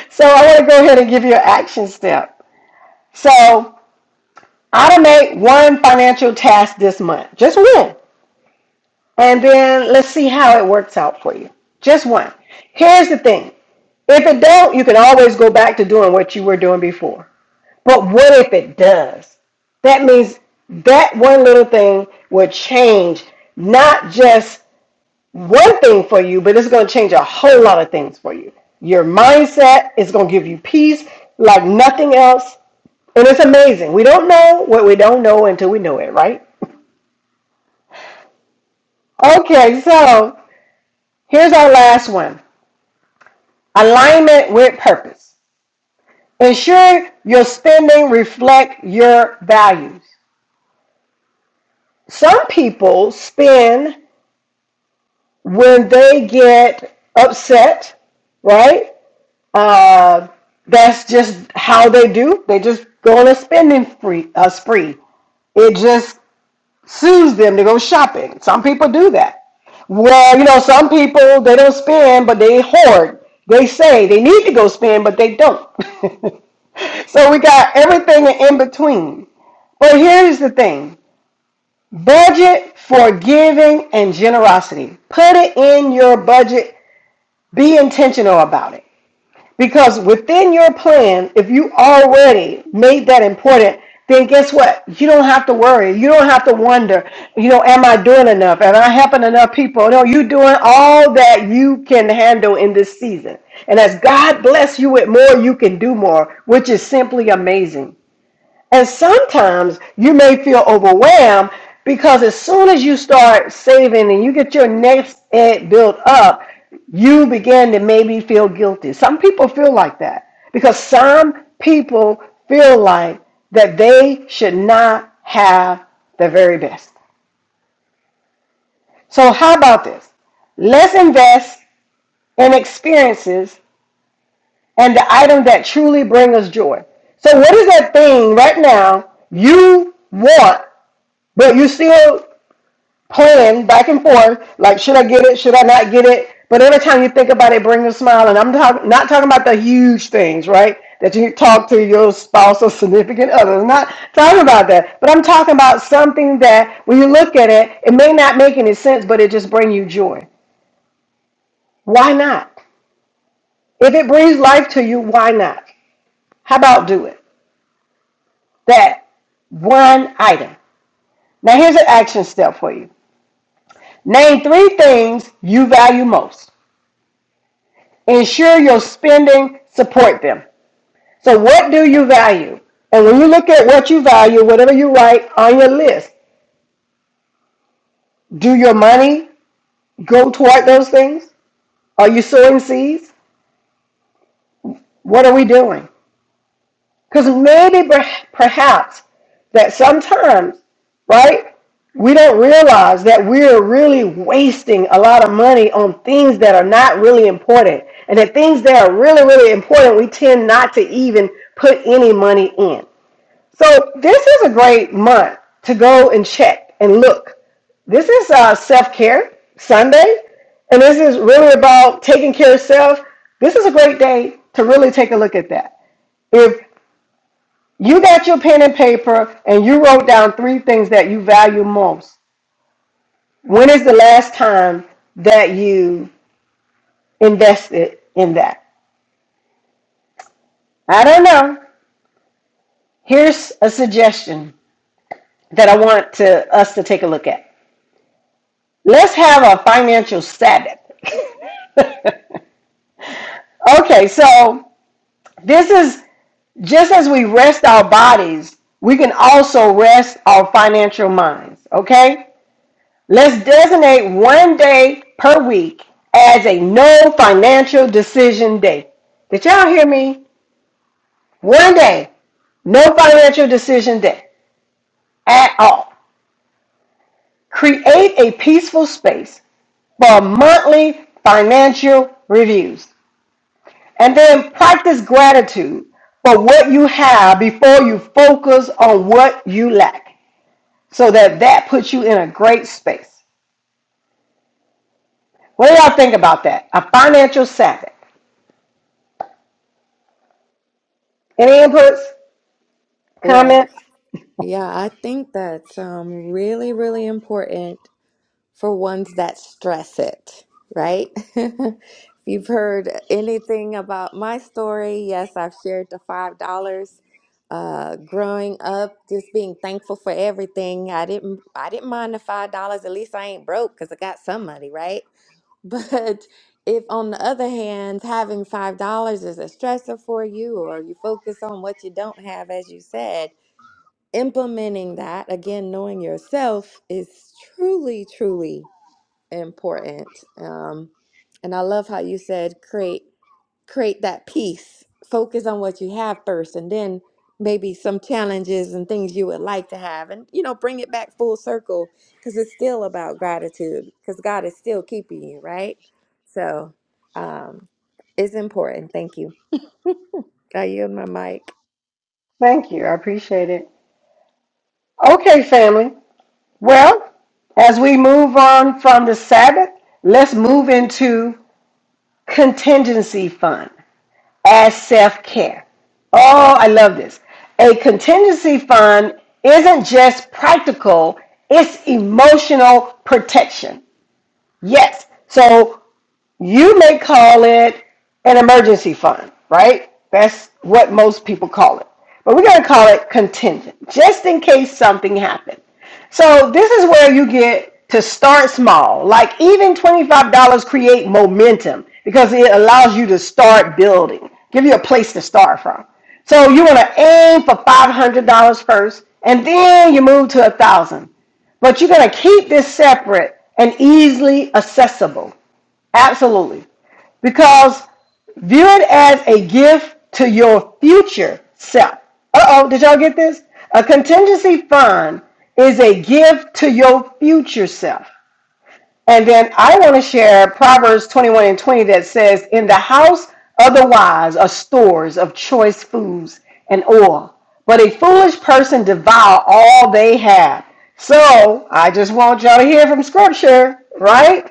S2: so, I want to go ahead and give you an action step. So, automate one financial task this month. Just one. And then let's see how it works out for you. Just one. Here's the thing. If it don't, you can always go back to doing what you were doing before. But what if it does? That means that one little thing will change not just one thing for you, but it's going to change a whole lot of things for you. Your mindset is going to give you peace like nothing else. And it's amazing. We don't know what we don't know until we know it, right? Okay, so here's our last one alignment with purpose. Ensure your spending reflect your values. Some people spend when they get upset, right? Uh, that's just how they do. They just go on a spending spree. A spree. It just soothes them to go shopping. Some people do that. Well, you know, some people they don't spend, but they hoard. They say they need to go spend, but they don't. so we got everything in between. But here's the thing: budget for giving and generosity. Put it in your budget be intentional about it. Because within your plan, if you already made that important, then guess what? You don't have to worry. You don't have to wonder, you know, am I doing enough? Am I helping enough people? No, you're doing all that you can handle in this season. And as God bless you with more, you can do more, which is simply amazing. And sometimes you may feel overwhelmed because as soon as you start saving and you get your next ed built up, you begin to maybe feel guilty. Some people feel like that because some people feel like that they should not have the very best. So, how about this? Let's invest in experiences and the items that truly bring us joy. So, what is that thing right now you want But you're still playing back and forth. Like, should I get it? Should I not get it? But every time you think about it, bring a smile. And I'm talk- not talking about the huge things, right? That you talk to your spouse or significant other. I'm not talking about that. But I'm talking about something that when you look at it, it may not make any sense, but it just bring you joy. Why not? If it brings life to you, why not? How about do it? That one item. Now here's an action step for you. Name three things you value most. Ensure your spending support them. So what do you value? And when you look at what you value, whatever you write on your list, do your money go toward those things? Are you sowing seeds? What are we doing? Because maybe perhaps that sometimes, right, we don't realize that we're really wasting a lot of money on things that are not really important. And the things that are really, really important, we tend not to even put any money in. So this is a great month to go and check and look. This is uh, self care Sunday, and this is really about taking care of self. This is a great day to really take a look at that. If you got your pen and paper and you wrote down three things that you value most, when is the last time that you invested in that? I don't know. Here's a suggestion that I want to us to take a look at. Let's have a financial Sabbath. Okay, so this is just as we rest our bodies, we can also rest our financial minds. Okay, let's designate one day per week as a no financial decision day. Did y'all hear me? One day, no financial decision day at all. Create a peaceful space for monthly financial reviews. And then practice gratitude for what you have before you focus on what you lack so that that puts you in a great space. What do y'all think about that? A financial Sabbath. Any inputs,
S1: Well.
S2: comments?
S1: Yeah, I think that's um, really, really important for ones that stress it, right? If you've heard anything about my story, yes, I've shared the $5. Uh, growing up, just being thankful for everything. I didn't, I didn't mind the $5. At least I ain't broke because I got some money, right? But if, on the other hand, having $5 is a stressor for you, or you focus on what you don't have, as you said implementing that again knowing yourself is truly truly important um and i love how you said create create that peace focus on what you have first and then maybe some challenges and things you would like to have and you know bring it back full circle because it's still about gratitude because god is still keeping you right so um it's important thank you i yield my mic
S2: Thank you. I appreciate it. Okay, family. Well, as we move on from the Sabbath, let's move into contingency fund. as self care. Oh, I love this. A contingency fund isn't just practical, it's emotional protection. Yes. So you may call it an emergency fund, right? That's what most people call it. But we're going to call it contingent, just in case something happened. So this is where you get to start small. Like even $25 create momentum because it allows you to start building, give you a place to start from. So you want to aim for $500 first and then you move to a thousand dollars. but you're going to keep this separate and easily accessible. Absolutely. Because view it as a gift to your future self. Uh oh, did y'all get this? A contingency fund is a gift to your future self. And then I want to share Proverbs 21 and 20 that says, In the house of the wise are stores of choice foods and oil, but a foolish person devour all they have. So I just want y'all to hear from scripture, right?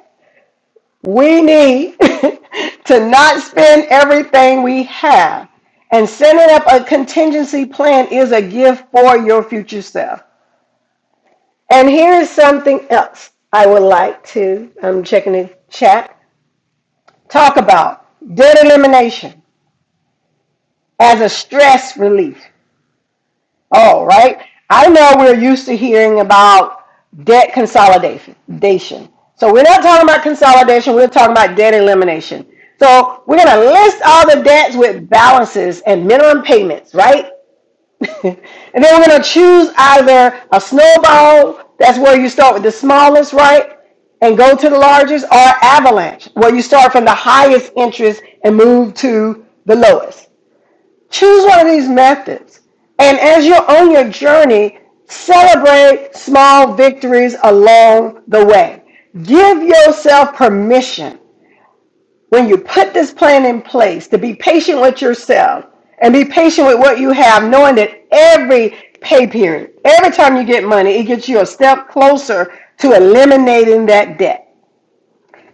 S2: We need to not spend everything we have. And setting up a contingency plan is a gift for your future self. And here's something else I would like to, I'm checking the chat, talk about debt elimination as a stress relief. All right. I know we're used to hearing about debt consolidation. So we're not talking about consolidation, we're talking about debt elimination. So we're going to list all the debts with balances and minimum payments, right? and then we're going to choose either a snowball, that's where you start with the smallest, right? And go to the largest, or avalanche, where you start from the highest interest and move to the lowest. Choose one of these methods. And as you're on your journey, celebrate small victories along the way. Give yourself permission when you put this plan in place to be patient with yourself and be patient with what you have, knowing that every pay period, every time you get money, it gets you a step closer to eliminating that debt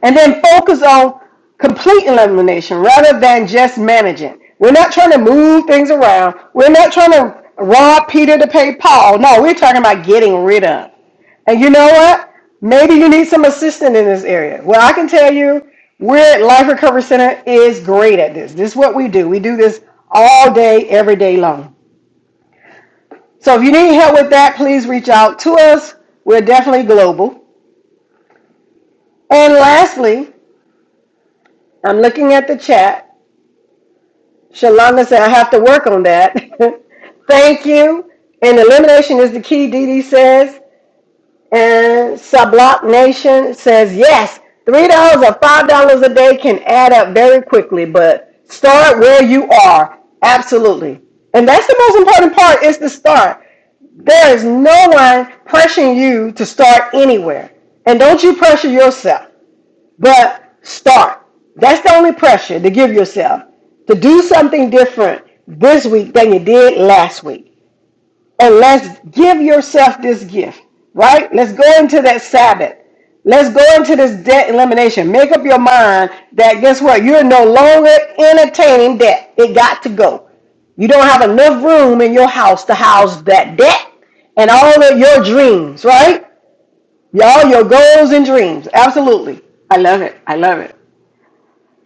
S2: and then focus on complete elimination rather than just managing. We're not trying to move things around. We're not trying to rob Peter to pay Paul. No, we're talking about getting rid of. And you know what? Maybe you need some assistance in this area. Well, I can tell you, we're at Life Recovery Center is great at this. This is what we do. We do this all day, every day long. So if you need help with that, please reach out to us. We're definitely global. And lastly, I'm looking at the chat. Shalonda said, I have to work on that. Thank you. And elimination is the key, Dee Dee says. And Sublock Nation says, yes, $3 or $5 a day can add up very quickly, but start where you are. Absolutely. And that's the most important part is to start. There is no one pressuring you to start anywhere. And don't you pressure yourself. But start. That's the only pressure to give yourself to do something different this week than you did last week. And let's give yourself this gift, right? Let's go into that Sabbath. Let's go into this debt elimination. Make up your mind that guess what? You're no longer entertaining debt. It got to go. You don't have enough room in your house to house that debt and all of your dreams, right? All your goals and dreams. Absolutely. I love it. I love it.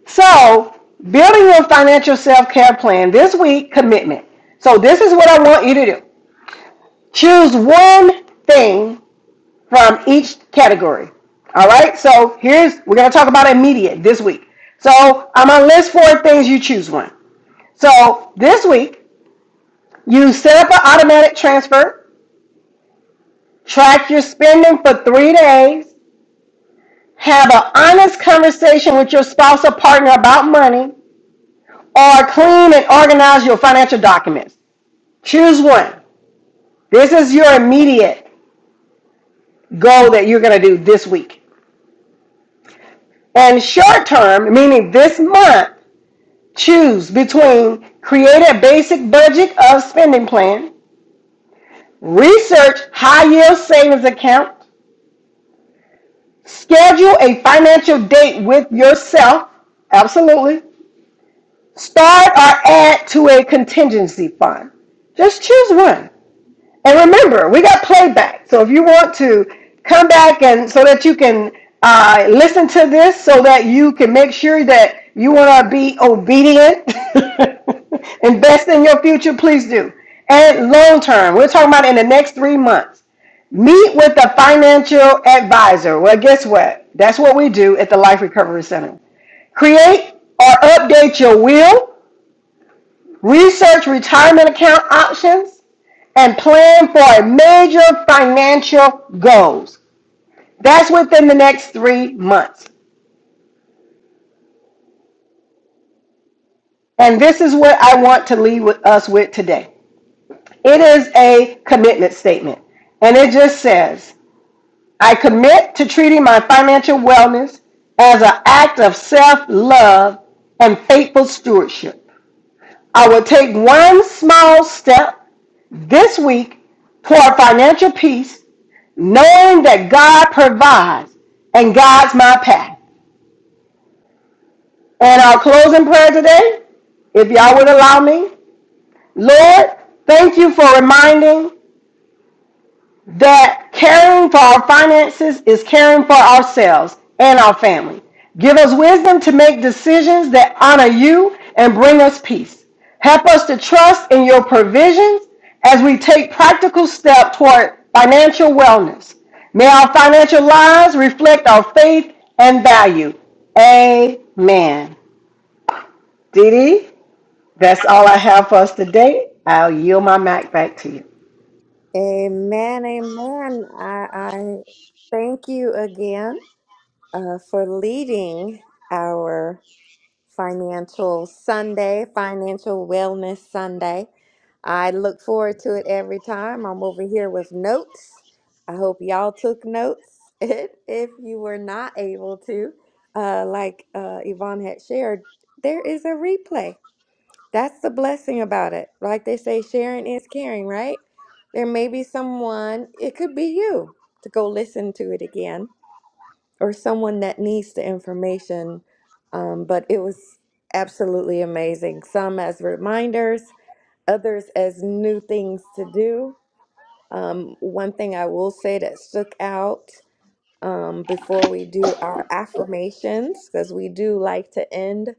S2: So, building your financial self care plan this week, commitment. So, this is what I want you to do choose one thing from each category. All right, so here's we're going to talk about immediate this week. So, I'm going to list four things, you choose one. So, this week, you set up an automatic transfer, track your spending for three days, have an honest conversation with your spouse or partner about money, or clean and organize your financial documents. Choose one. This is your immediate goal that you're going to do this week. And short term, meaning this month, choose between create a basic budget of spending plan, research high yield savings account, schedule a financial date with yourself, absolutely, start or add to a contingency fund. Just choose one. And remember, we got playback. So if you want to come back and so that you can uh, listen to this, so that you can make sure that you want to be obedient, invest in your future, please do. And long term, we're talking about in the next three months. Meet with a financial advisor. Well, guess what? That's what we do at the Life Recovery Center. Create or update your will research retirement account options, and plan for major financial goals. That's within the next three months. And this is what I want to leave with us with today. It is a commitment statement. And it just says, I commit to treating my financial wellness as an act of self love and faithful stewardship. I will take one small step this week toward financial peace, knowing that God provides and guides my path. And our closing prayer today, if y'all would allow me, Lord, thank you for reminding that caring for our finances is caring for ourselves and our family. Give us wisdom to make decisions that honor you and bring us peace. Help us to trust in your provisions as we take practical steps toward financial wellness. May our financial lives reflect our faith and value. Amen. Didi, that's all I have for us today. I'll yield my mic back to you.
S1: Amen, amen. I, I thank you again uh, for leading our Financial Sunday, Financial Wellness Sunday. I look forward to it every time. I'm over here with notes. I hope y'all took notes. if if you were not able to, uh, like uh, Yvonne had shared, there is a replay. That's the blessing about it. Like they say, sharing is caring, right? There may be someone, it could be you, to go listen to it again, or someone that needs the information. Um, but it was absolutely amazing. Some as reminders, others as new things to do. Um, one thing I will say that stuck out um, before we do our affirmations, because we do like to end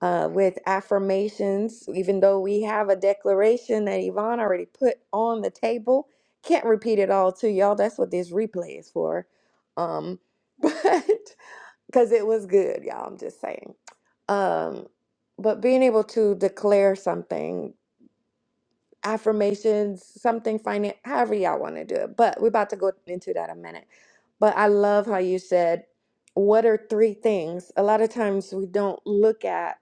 S1: uh, with affirmations, even though we have a declaration that Yvonne already put on the table. Can't repeat it all to y'all. That's what this replay is for. Um, but because it was good, y'all, I'm just saying. Um, but being able to declare something, affirmations, something, finan- however y'all want to do it. But we're about to go into that in a minute. But I love how you said, What are three things? A lot of times we don't look at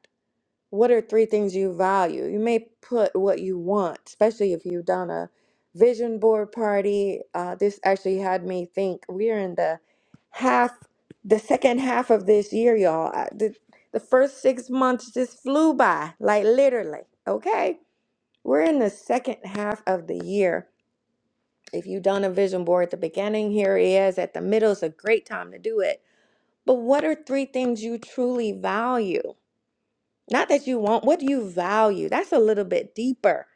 S1: what are three things you value? You may put what you want, especially if you've done a vision board party. Uh, this actually had me think we're in the half, the second half of this year, y'all. I, the, the first six months just flew by, like literally. Okay. We're in the second half of the year. If you've done a vision board at the beginning, here it is. At the middle, it's a great time to do it. But what are three things you truly value? Not that you want, what do you value? That's a little bit deeper.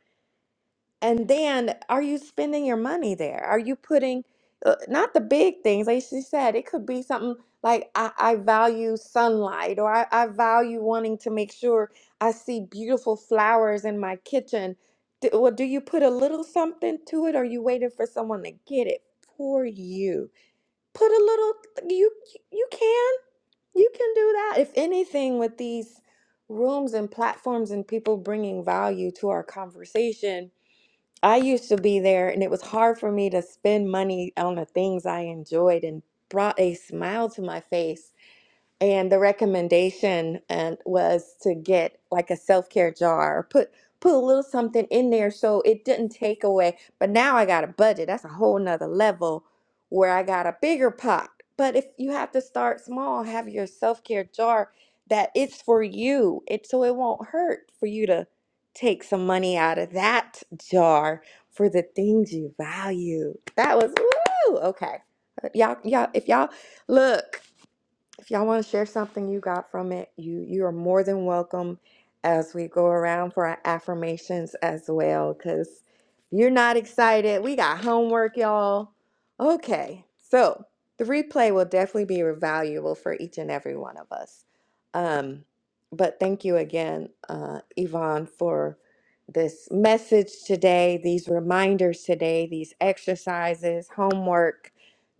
S1: And then are you spending your money there? Are you putting, uh, not the big things, like she said, it could be something like I, I value sunlight or I, I value wanting to make sure I see beautiful flowers in my kitchen. Do, well, do you put a little something to it? Or are you waiting for someone to get it for you? Put a little, you, you can. You can do that. If anything, with these rooms and platforms and people bringing value to our conversation, I used to be there and it was hard for me to spend money on the things I enjoyed and brought a smile to my face and the recommendation and was to get like a self-care jar or put put a little something in there so it didn't take away but now i got a budget that's a whole nother level where i got a bigger pot but if you have to start small have your self-care jar that it's for you it so it won't hurt for you to take some money out of that jar for the things you value that was woo okay y'all y'all if y'all look if y'all want to share something you got from it, you you are more than welcome as we go around for our affirmations as well cuz you're not excited. We got homework, y'all. Okay. So, the replay will definitely be valuable for each and every one of us. Um but thank you again, uh, Yvonne, for this message today, these reminders today, these exercises, homework,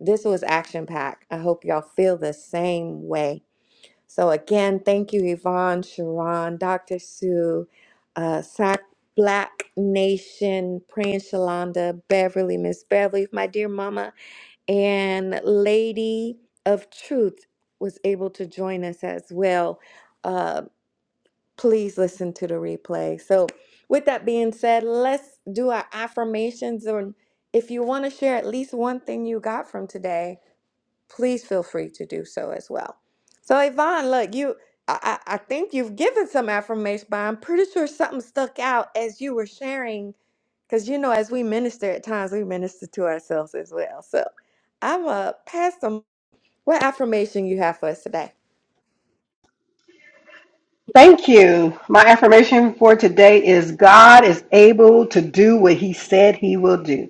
S1: this was action packed. I hope y'all feel the same way. So, again, thank you, Yvonne, Sharon, Dr. Sue, uh, Sac Black Nation, Praying Shalonda, Beverly, Miss Beverly, my dear mama, and Lady of Truth was able to join us as well. Uh, please listen to the replay. So, with that being said, let's do our affirmations. And if you want to share at least one thing you got from today, please feel free to do so as well. So Yvonne, look, you I, I I think you've given some affirmation, but I'm pretty sure something stuck out as you were sharing. Cause you know, as we minister at times, we minister to ourselves as well. So I'm uh pass them what affirmation you have for us today.
S2: Thank you. My affirmation for today is God is able to do what he said he will do.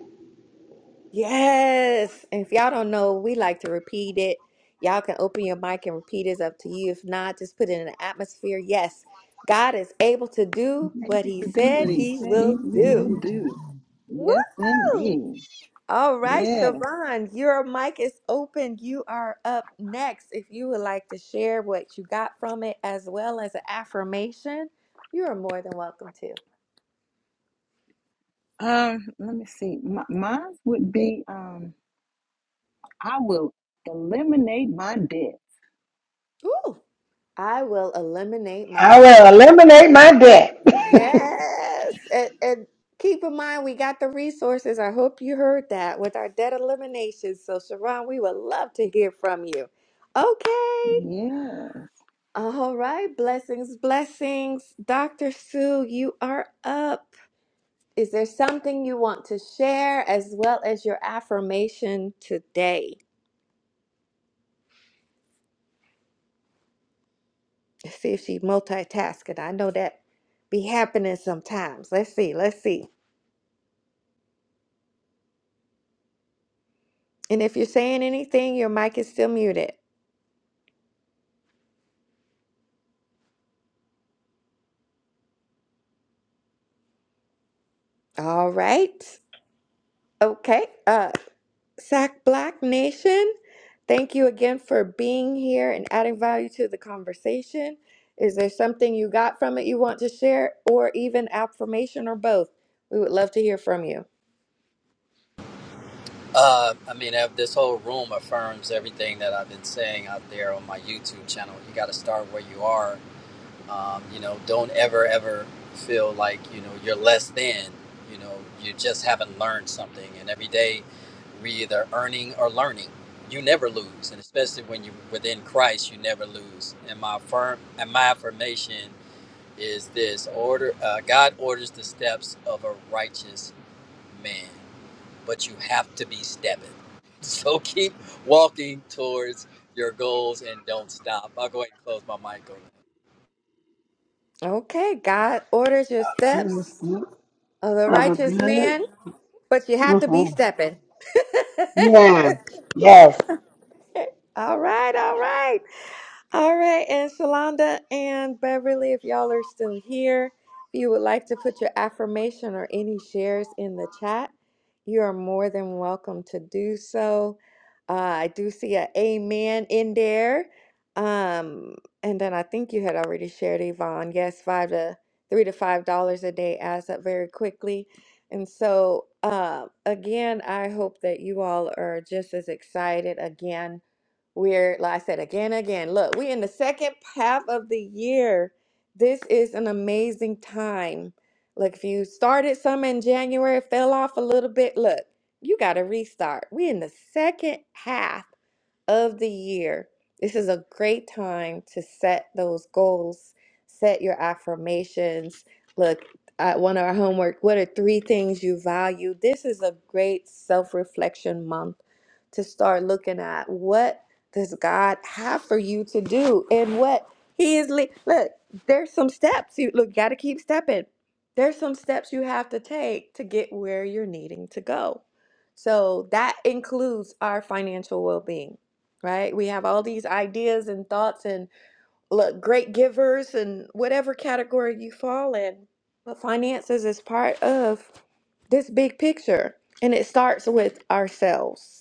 S1: Yes. And if y'all don't know, we like to repeat it. Y'all can open your mic and repeat it. It's up to you. If not, just put it in the atmosphere. Yes, God is able to do what
S3: Able
S1: he
S3: to do what
S1: said
S3: he
S1: he
S3: said he,
S1: will
S3: he will
S1: do.
S3: do. Yes,
S1: Woo!
S3: indeed.
S1: All right,
S3: Yes.
S1: Sharon, your mic is open. You are up next. If you would like to share what you got from it as well as an affirmation, you are more than welcome to.
S3: Um, let me see. My, mine would be um, I will eliminate my debts.
S1: Ooh, I will eliminate my
S2: I will eliminate my debt.
S1: debt. Yes. And, and keep in mind, we got the resources. I hope you heard that with our debt elimination. So, Sharon, we would love to hear from you. Okay.
S3: Yes.
S1: All right, blessings, blessings. Dr. Sue, you are up. Is there something you want to share as well as your affirmation today? Let's see if she's multitasking. I know that be happening sometimes. Let's see, let's see. And if you're saying anything, your mic is still muted. All right. Okay. uh. Sac Black Nation, thank you again for being here and adding value to the conversation. Is there something you got from it you want to share, or even affirmation, or both? We would love to hear from you.
S5: Uh, I mean, uh, this whole room affirms everything that I've been saying out there on my YouTube channel. You got to start where you are. Um, you know, don't ever, ever feel like, you know, you're less than. You know, you just haven't learned something. And every day we either earning or learning. You never lose. And especially when you're within Christ, you never lose. And my, affirm, and my affirmation is this order uh, God orders the steps of a righteous man, but you have to be stepping. So keep walking towards your goals and don't stop. I'll go ahead and close my mic on that.
S1: Okay, God orders your steps of the
S2: of a
S1: righteous
S2: good.
S1: man, but you have to be
S2: Mhm.
S1: stepping.
S2: Yes. Yes.
S1: All right, all right. All right, and Shalonda and Beverly, if y'all are still here, if you would like to put your affirmation or any shares in the chat, you are more than welcome to do so. Uh, I do see a amen in there. Um, and then I think you had already shared Yvonne. Yes, five to three to five dollars a day adds up very quickly. And so, uh, again, I hope that you all are just as excited again we're, like I said again, again, look, we're in the second half of the year. This is an amazing time. Look, if you started some in January, fell off a little bit, look, you got to restart. We're in the second half of the year. This is a great time to set those goals, set your affirmations. Look, at one of our homework, what are three things you value? This is a great self reflection month to start looking at. What does God have for you to do and what he is le- look there's some steps you look got to keep stepping there's some steps you have to take to get where you're needing to go so that includes our financial well-being right we have all these ideas and thoughts and look great givers and whatever category you fall in but finances is part of this big picture and it starts with ourselves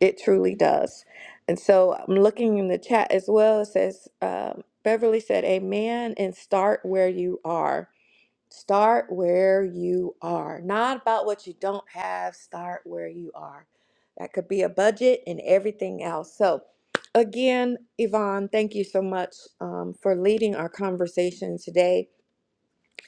S1: it truly does. And so I'm looking in the chat as well. It says, um, Beverly said, Amen, and start where you are. Start where you are. Not about what you don't have, start where you are. That could be a budget and everything else. So, again, Yvonne, thank you so much um, for leading our conversation today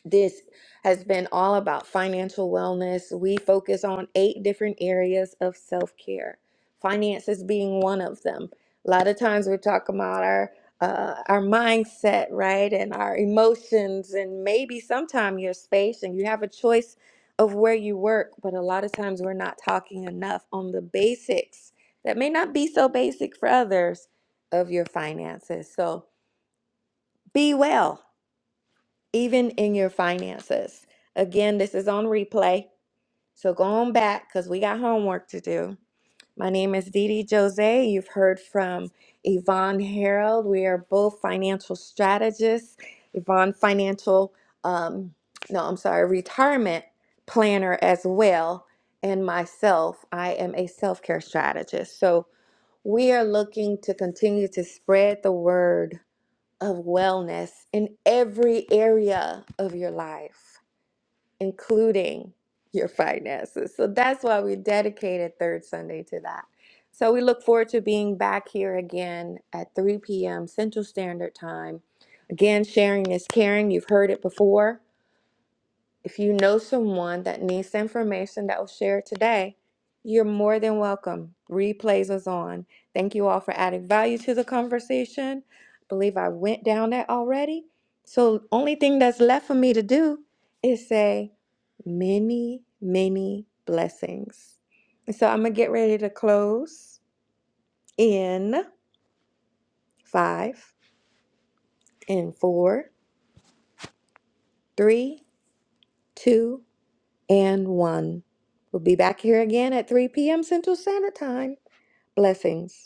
S1: this has been all about financial wellness. We focus on eight different areas of self care, finances being one of them. A lot of times we're talking about our uh, our mindset, right, and our emotions, and maybe sometime your space, and you have a choice of where you work. But a lot of times we're not talking enough on the basics that may not be so basic for others of your finances. So be well even in your finances. Again, this is on replay, so go on back because we got homework to do. My name is Dee Dee Jose. You've heard from Yvonne Harold. We are both financial strategists. Yvonne, financial, um, no, I'm sorry, retirement planner as well. And myself, I am a self care strategist. So we are looking to continue to spread the word of wellness in every area of your life, including your finances. So that's why we dedicated Third Sunday to that. So we look forward to being back here again at 3 p.m. Central Standard Time. Again, sharing is caring. You've heard it before. If you know someone that needs the information that was shared today, you're more than welcome. Replays is on. Thank you all for adding value to the conversation. I believe I went down that already. So only thing that's left for me to do is say many, many blessings. And so I'm gonna get ready to close in five, in four, three, two, and 1. We'll be back here again at 3 p.m. Central Standard Time. Blessings.